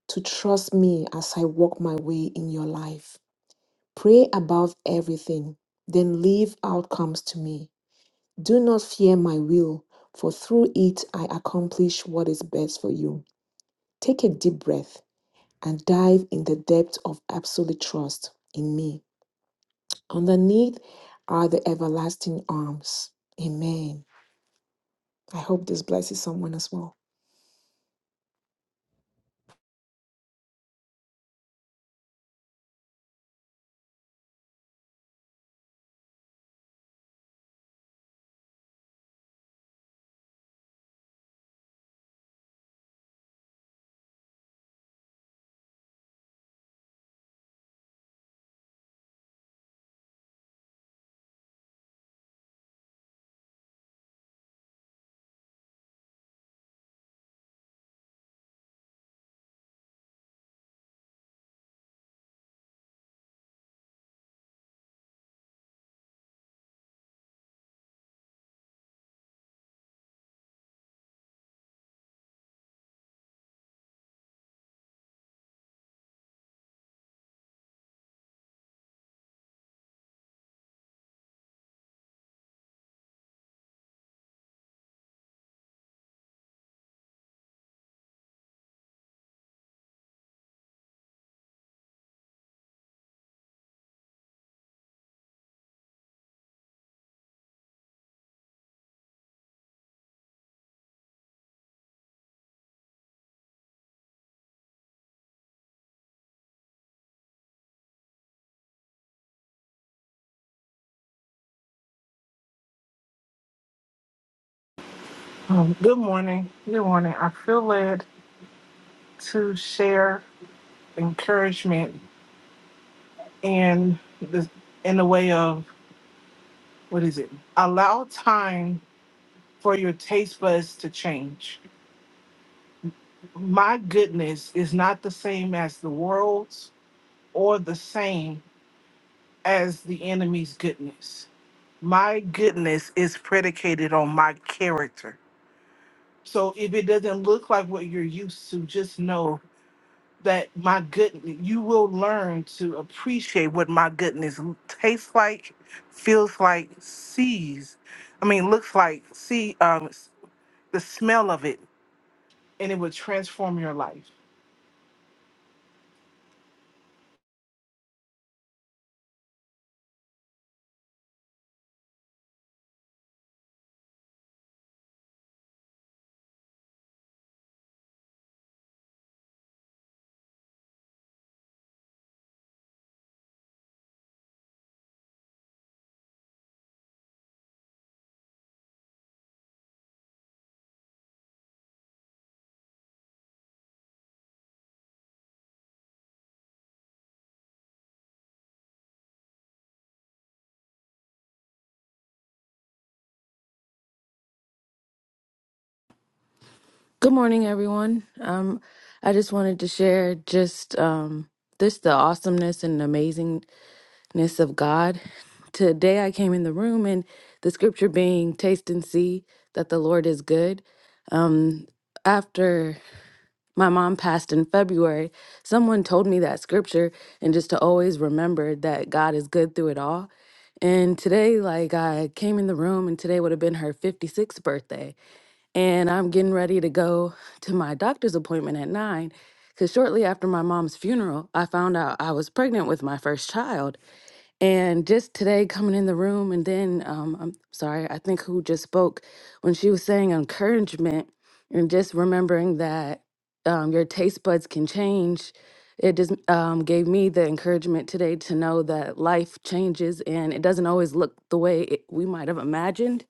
Speaker 4: to trust me as I walk my way in your life. Pray above everything, then leave outcomes to me. Do not fear my will, for through it I accomplish what is best for you. Take a deep breath and dive in the depth of absolute trust in me. Underneath are the everlasting arms. Amen. I hope this blesses someone as well.
Speaker 12: Um, good morning. Good morning. I feel led to share encouragement in the in the way of what is it? Allow time for your taste buds to change. My goodness is not the same as the world's or the same as the enemy's goodness. My goodness is predicated on my character. So if it doesn't look like what you're used to, just know that my good, you will learn to appreciate what my goodness tastes like, feels like, sees. I mean, looks like, see um, the smell of it, and it will transform your life.
Speaker 13: Good morning, everyone. Um, I just wanted to share just um, this the awesomeness and amazingness of God. Today, I came in the room and the scripture being "Taste and see that the Lord is good." Um, after my mom passed in February, someone told me that scripture and just to always remember that God is good through it all. And today, like I came in the room, and today would have been her 56th birthday and I'm getting ready to go to my doctor's appointment at nine. Because shortly after my mom's funeral, I found out I was pregnant with my first child. And just today, coming in the room, and then um, I'm sorry, I think who just spoke when she was saying encouragement, and just remembering that um, your taste buds can change. It just um, gave me the encouragement today to know that life changes and it doesn't always look the way it, we might have imagined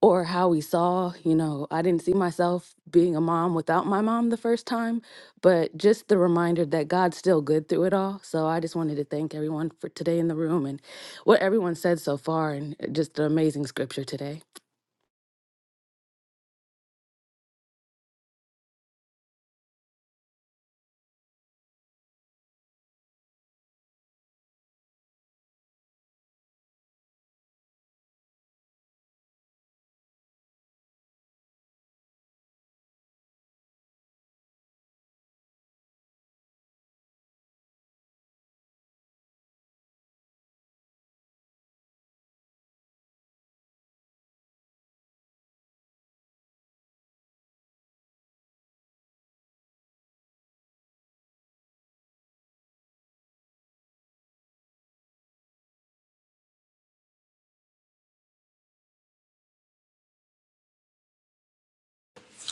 Speaker 13: or how we saw, you know, I didn't see myself being a mom without my mom the first time, but just the reminder that God's still good through it all. So I just wanted to thank everyone for today in the room and what everyone said so far and uh, just an amazing scripture today.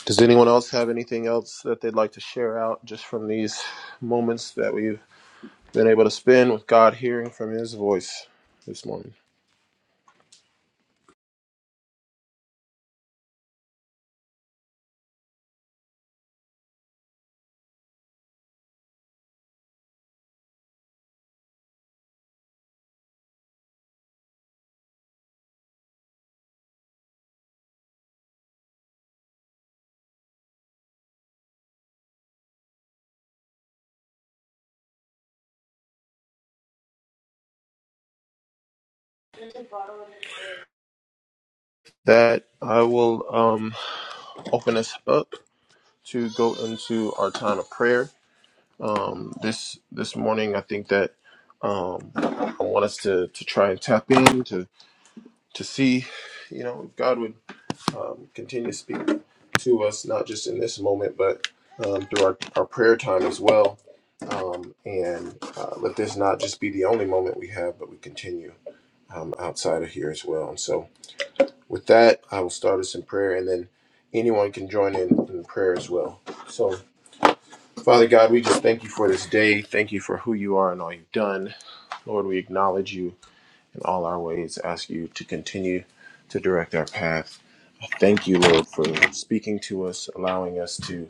Speaker 1: Does anyone else have anything else that they'd like to share out just from these moments that we've been able to spend with God, hearing from His voice this morning. That I will um, open us up to go into our time of prayer um, this this morning. I think that um, I want us to to try and tap in to to see, you know, if God would. um, continue to speak to us, not just in this moment, but um, through our, our prayer time as well. Um, and uh, let this not just be the only moment we have, but we continue um, outside of here as well. And so, with that, I will start us in prayer, and then anyone can join in in prayer as well. So, Father God, we just thank you for this day. Thank you for who you are and all you've done. Lord, we acknowledge you in all our ways, ask you to continue to direct our path. Thank you, Lord, for speaking to us, allowing us to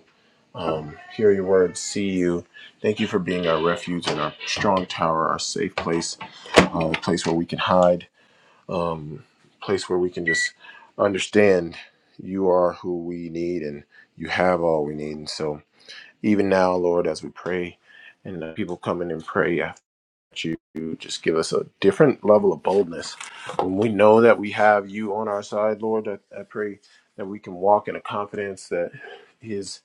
Speaker 1: um, hear your word, see you. Thank you for being our refuge and our strong tower, our safe place, uh, a place where we can hide, um, place where we can just understand you are who we need and you have all we need. And so, even now, Lord, as we pray and uh, people come in and pray you just give us a different level of boldness. When we know that we have you on our side, Lord, I, I pray that we can walk in a confidence that is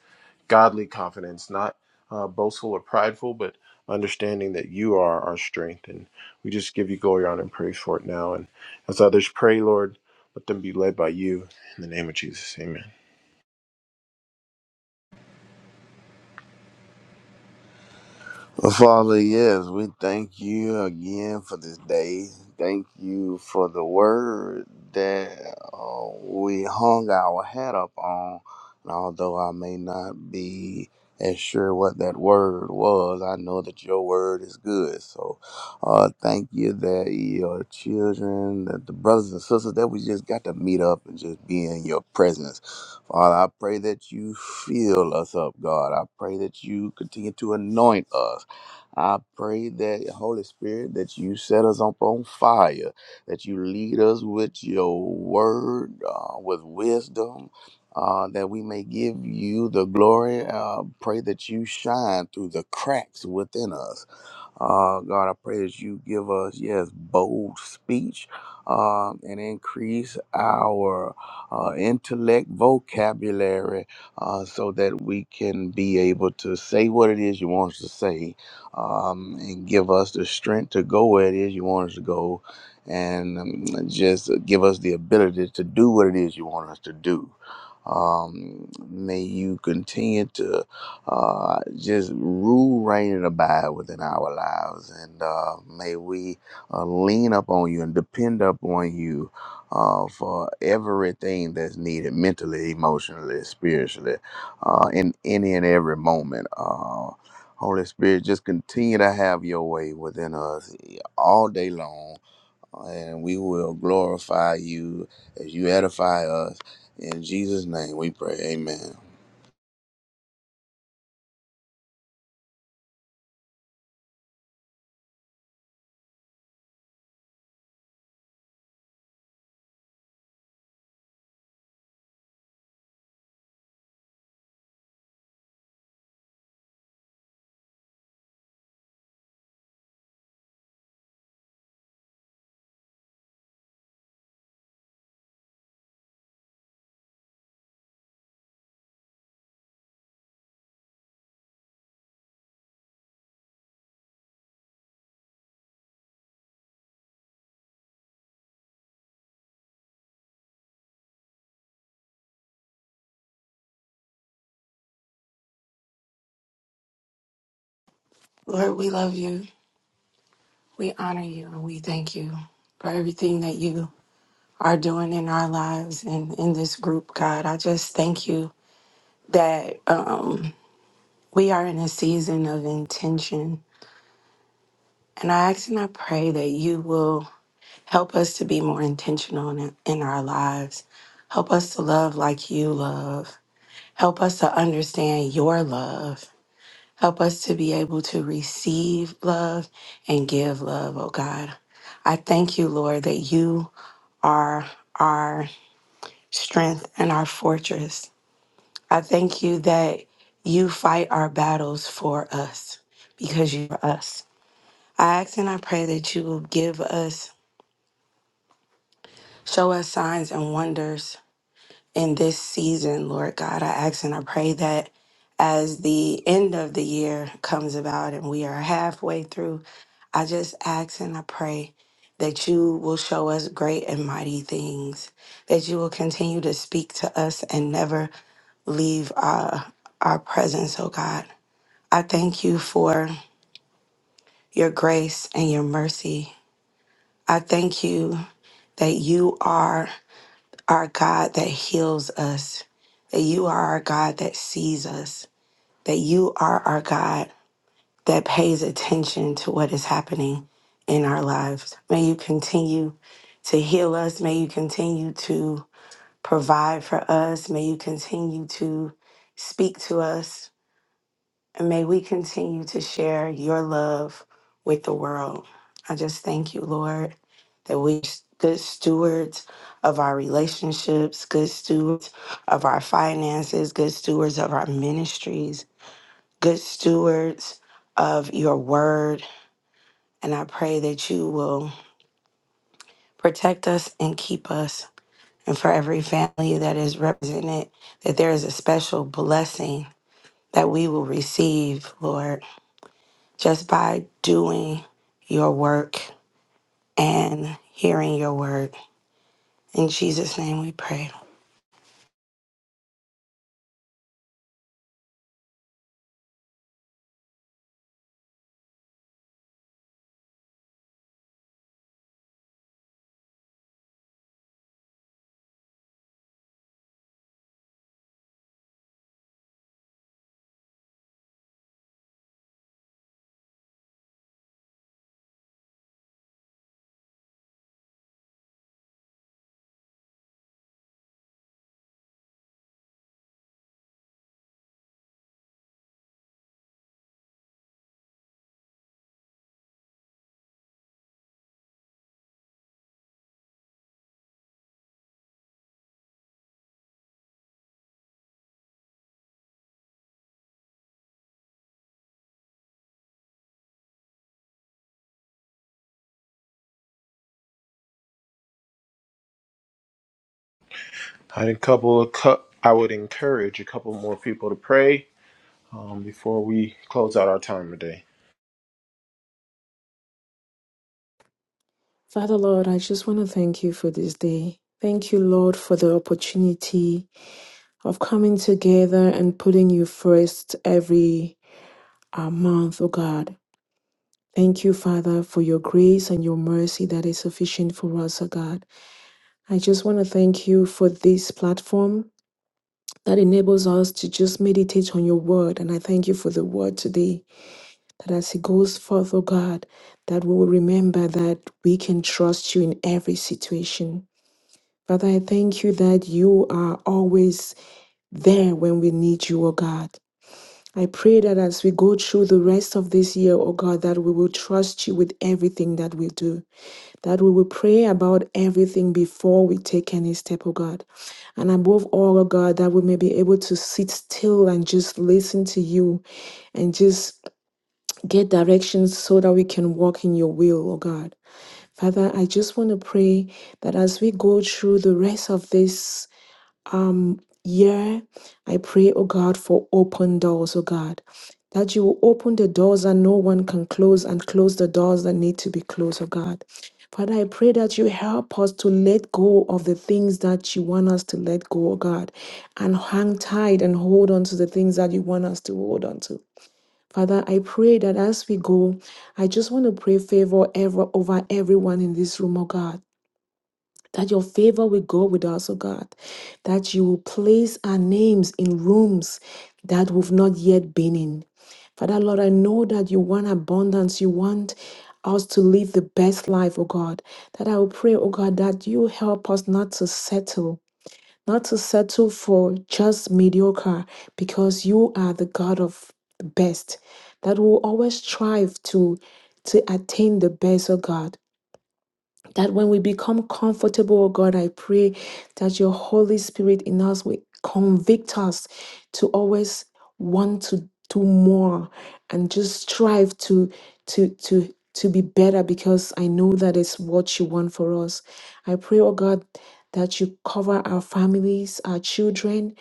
Speaker 1: godly confidence, not uh, boastful or prideful, but understanding that you are our strength. And we just give you glory, honor, and praise for it now. And as others pray, Lord, let them be led by you. In the name of Jesus, amen.
Speaker 11: Well, Father, yes, we thank you again for this day. Thank you for the word that uh, we hung our hat up on. And although I may not be as sure what that word was, I know that your word is good. So uh, thank you that your children, that the brothers and sisters, that we just got to meet up and just be in your presence. Father, I pray that you fill us up, God. I pray that you continue to anoint us. I pray that Holy Spirit that you set us up on fire, that you lead us with your word, uh, with wisdom, uh, that we may give you the glory. Uh, pray that you shine through the cracks within us uh, God, I pray that you give us, yes, bold speech um, and increase our uh, intellect vocabulary uh, so that we can be able to say what it is you want us to say um, and give us the strength to go where it is you want us to go and um, just give us the ability to do what it is you want us to do. Um, may you continue to uh, just rule, reign, and abide within our lives. And uh, may we uh, lean up on you and depend upon you uh, for everything that's needed mentally, emotionally, spiritually, uh, in any and every moment. Uh, Holy Spirit, just continue to have your way within us all day long. And we will glorify you as you edify us. In Jesus' name we pray. Amen.
Speaker 3: Lord, we love you, we honor you, and we thank you for everything that you are doing in our lives and in this group, God. I just thank you that um, we are in a season of intention. And I ask and I pray that you will help us to be more intentional in, in our lives. Help us to love like you love. Help us to understand your love. Help us to be able to receive love and give love, oh God. I thank you, Lord, that you are our strength and our fortress. I thank you that you fight our battles for us because you are us. I ask and I pray that you will give us, show us signs and wonders in this season, Lord God. I ask and I pray that as the end of the year comes about and we are halfway through, I just ask and I pray that you will show us great and mighty things, that you will continue to speak to us and never leave our, our presence, oh God. I thank you for your grace and your mercy. I thank you that you are our God that heals us that you are our God that sees us, that you are our God that pays attention to what is happening in our lives. May you continue to heal us. May you continue to provide for us. May you continue to speak to us. And may we continue to share your love with the world. I just thank you, Lord, that we good stewards of our relationships, good stewards of our finances, good stewards of our ministries good stewards of your word. And I pray that you will protect us and keep us. And for every family that is represented, that there is a special blessing that we will receive, Lord, just by doing your work and hearing your word. In Jesus' name we pray.
Speaker 1: I had a couple of cu- I would encourage a couple more people to pray um, before we close out our time today.
Speaker 4: Father Lord, I just want to thank you for this day. Thank you, Lord, for the opportunity of coming together and putting you first every uh, month, oh God. Thank you, Father, for your grace and your mercy that is sufficient for us, oh God. I just want to thank you for this platform that enables us to just meditate on your word. And I thank you for the word today. That as He goes forth, oh God, that we will remember that we can trust you in every situation. Father, I thank you that you are always there when we need you, oh God. I pray that as we go through the rest of this year, oh God, that we will trust you with everything that we do, that we will pray about everything before we take any step, oh God. And above all, oh God, that we may be able to sit still and just listen to you and just get directions so that we can walk in your will, oh God. Father, I just want to pray that as we go through the rest of this year, I pray, oh God, for open doors, oh God. That you will open the doors that no one can close and close the doors that need to be closed, oh God. Father, I pray that you help us to let go of the things that you want us to let go, oh God, and hang tight and hold on to the things that you want us to hold on to. Father, I pray that as we go, I just want to pray favor ever over everyone in this room, oh God. That your favor will go with us, oh God. That you will place our names in rooms that we've not yet been in. Father, Lord, I know that you want abundance. You want us to live the best life, oh God. That I will pray, oh God, that you help us not to settle not to settle for just mediocre, because you are the God of the best, that will always strive to to attain the best of God that when we become comfortable, oh God, I pray that your Holy Spirit in us will convict us to always want to do more and just strive to to to to be better because I know that is what you want for us. I pray, oh God, that you cover our families, our children,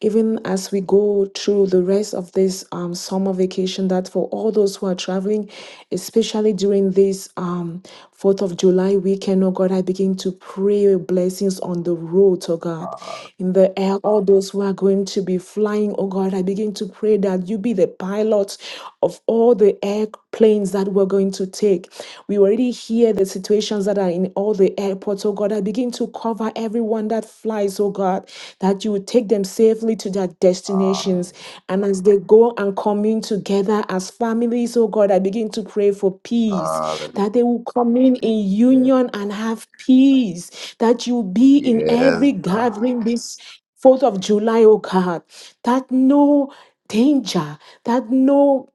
Speaker 4: even as we go through the rest of this um, summer vacation, that for all those who are traveling, especially during during this um, 4th of July weekend, oh God, I begin to pray your blessings on the road, oh God. In the air, all those who are going to be flying, oh God, I begin to pray that you be the pilot of all the airplanes that we're going to take. We already hear the situations that are in all the airports, oh God. I begin to cover everyone that flies eyes, oh God, that you would take them safely to their destinations. And as they go and commune together as families, oh God, I begin to pray for peace,
Speaker 11: Hallelujah.
Speaker 4: that they will commune in
Speaker 11: Yes,
Speaker 4: union and have peace, that you be in every
Speaker 11: yes, God.
Speaker 4: gathering this 4th of July, oh God, that no danger, that no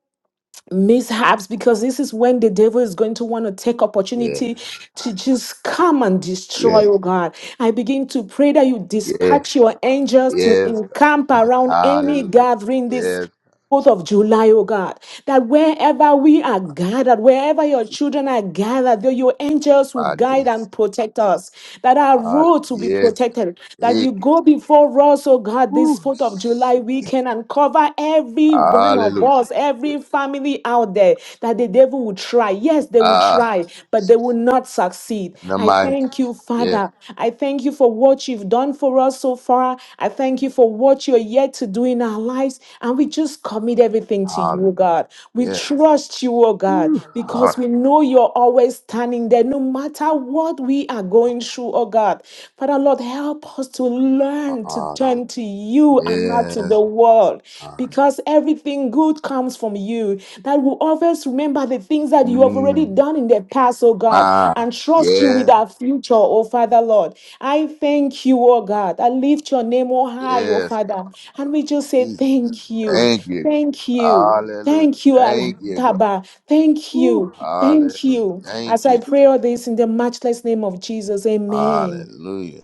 Speaker 4: mishaps because this is when the devil is going to want to take
Speaker 11: Yes,
Speaker 4: opportunity to just come and
Speaker 11: yes,
Speaker 4: destroy oh god i begin to pray that you
Speaker 11: yes,
Speaker 4: dispatch your angels
Speaker 11: God.
Speaker 4: to
Speaker 11: Yes,
Speaker 4: encamp
Speaker 11: God.
Speaker 4: around any
Speaker 11: Hallelujah.
Speaker 4: gathering this
Speaker 11: Yes,
Speaker 4: 4th of July, oh God, that wherever we are gathered, wherever your children are gathered, that your angels will
Speaker 11: my
Speaker 4: guide
Speaker 11: this.
Speaker 4: and protect us, that our
Speaker 11: Hallelujah.
Speaker 4: roads will be
Speaker 11: Yes,
Speaker 4: protected,
Speaker 11: God.
Speaker 4: that
Speaker 11: Hey.
Speaker 4: you go before us, oh God, this
Speaker 11: Woo.
Speaker 4: 4th of July weekend and cover every one of
Speaker 11: Hallelujah.
Speaker 4: us, every family out there that the devil will try. Yes, they will
Speaker 11: Ah,
Speaker 4: try, but they will not succeed.
Speaker 11: in the
Speaker 4: I
Speaker 11: mighty.
Speaker 4: thank you,
Speaker 11: Yes,
Speaker 4: Father. I thank you for what you've done for us so far. I thank you for what you're yet to do in our lives. And we just commit everything to you, oh
Speaker 11: hallelujah.
Speaker 4: God. We
Speaker 11: Yes,
Speaker 4: trust you, oh God,
Speaker 11: Woo.
Speaker 4: because we
Speaker 11: hallelujah.
Speaker 4: know you're always standing there no matter what we are going through, oh God. Father, Lord, help us to Learn to
Speaker 11: hallelujah.
Speaker 4: turn to you and not to
Speaker 11: Yes,
Speaker 4: the world
Speaker 11: God.
Speaker 4: because everything good comes from you. That will always remember the things that you have already
Speaker 11: Mm,
Speaker 4: done in the past, oh God,
Speaker 11: my.
Speaker 4: and trust you with
Speaker 11: Yes,
Speaker 4: our future, oh Father Lord. I thank you, oh God. I lift your name, oh high, oh
Speaker 11: yes,
Speaker 4: Father. And we just say
Speaker 11: Jesus.
Speaker 4: thank you.
Speaker 11: Thank you, God.
Speaker 4: Thank you.
Speaker 11: Hallelujah.
Speaker 4: Thank you,
Speaker 11: Thank
Speaker 4: Allah.
Speaker 11: you, God.
Speaker 4: Taba, thank
Speaker 11: Woo.
Speaker 4: you, thank
Speaker 11: Hallelujah.
Speaker 4: you.
Speaker 11: Thank
Speaker 4: As I
Speaker 11: you.
Speaker 4: pray all this in the matchless name of Jesus, amen.
Speaker 11: Hallelujah.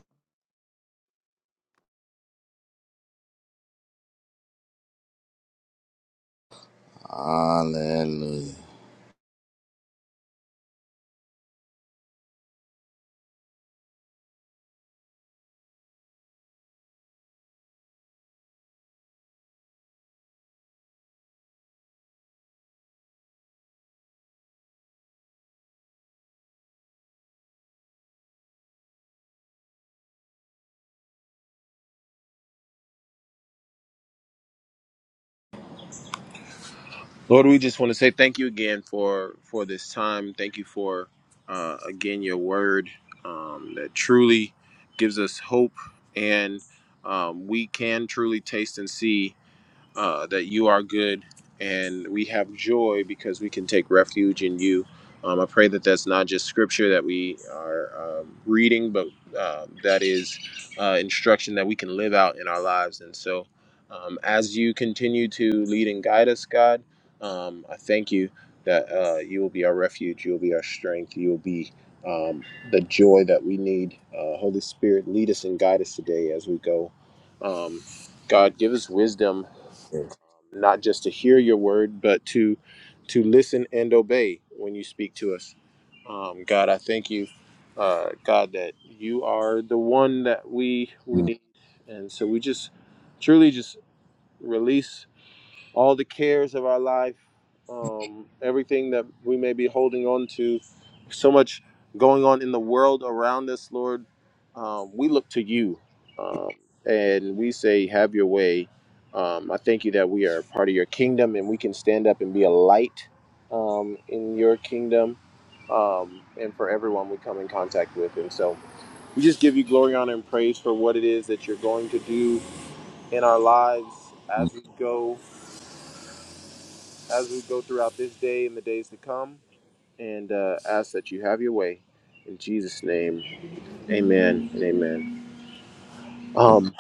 Speaker 11: Hallelujah.
Speaker 1: Lord, we just want to say thank you again for for this time. Thank you for uh, again your word um, that truly gives us hope, and um, we can truly taste and see uh, that you are good and we have joy because we can take refuge in you. Um, I pray that that's not just scripture that we are um, reading, but um, that is uh, instruction that we can live out in our lives. And so, um, as you continue to lead and guide us, God, um, I thank you that uh, you will be our refuge, you will be our strength, you will be um, the joy that we need. Uh, Holy Spirit, lead us and guide us today as we go. Um, God, give us wisdom
Speaker 11: Yes.
Speaker 1: not just to hear your word, but to to listen and obey when you speak to us. Um, God, I thank you, uh, God, that you are the one that we we
Speaker 11: Mm,
Speaker 1: need, and so we just truly just release all the cares of our life, um, everything that we may be holding on to, so much going on in the world around us, Lord. Um, we look to you um, and we say, Have your way. Um, I thank you that we are part of your kingdom and we can stand up and be a light um, in your kingdom um, and for everyone we come in contact with. And so we just give you glory, honor, and praise for what it is that you're going to do in our lives
Speaker 11: mm,
Speaker 1: as we go as we go throughout this day and the days to come, and uh, ask that you have your way. In Jesus' name, amen and amen.
Speaker 11: mm.
Speaker 1: Um,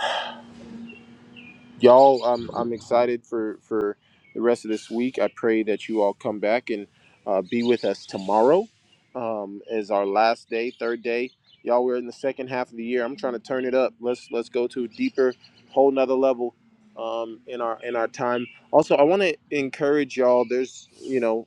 Speaker 1: y'all i'm i'm excited for for the rest of this week i pray that you all come back and uh, be with us tomorrow um is our last day third day y'all we're in the second half of the year i'm trying to turn it up let's let's go to a deeper whole nother level um in our in our time also i want to encourage y'all there's you know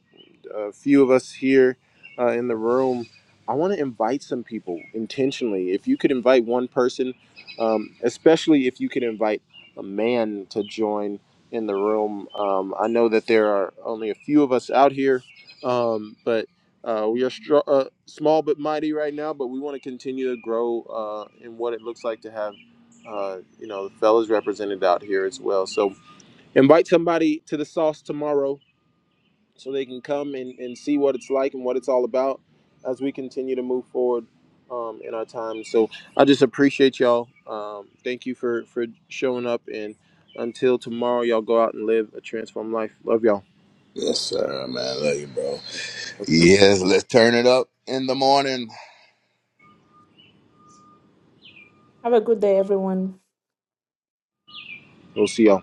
Speaker 1: a few of us here uh, in the room i want to invite some people intentionally if you could invite one person um, especially if you could invite a man to join in the room. Um, I know that there are only a few of us out here, um, but uh, we are str- uh, small but mighty right now. But we want to continue to grow uh, in what it looks like to have, uh, you know, the fellas represented out here as well. So invite somebody to the sauce tomorrow so they can come and, and see what it's like and what it's all about as we continue to move forward um, in our time. So I just appreciate y'all. Um, thank you for, for showing up. And until tomorrow, y'all go out and live a transformed life. Love y'all.
Speaker 11: Yes, sir, man. Love you, bro. Yes, let's turn it up in the morning.
Speaker 4: Have a good day, everyone.
Speaker 1: We'll see y'all.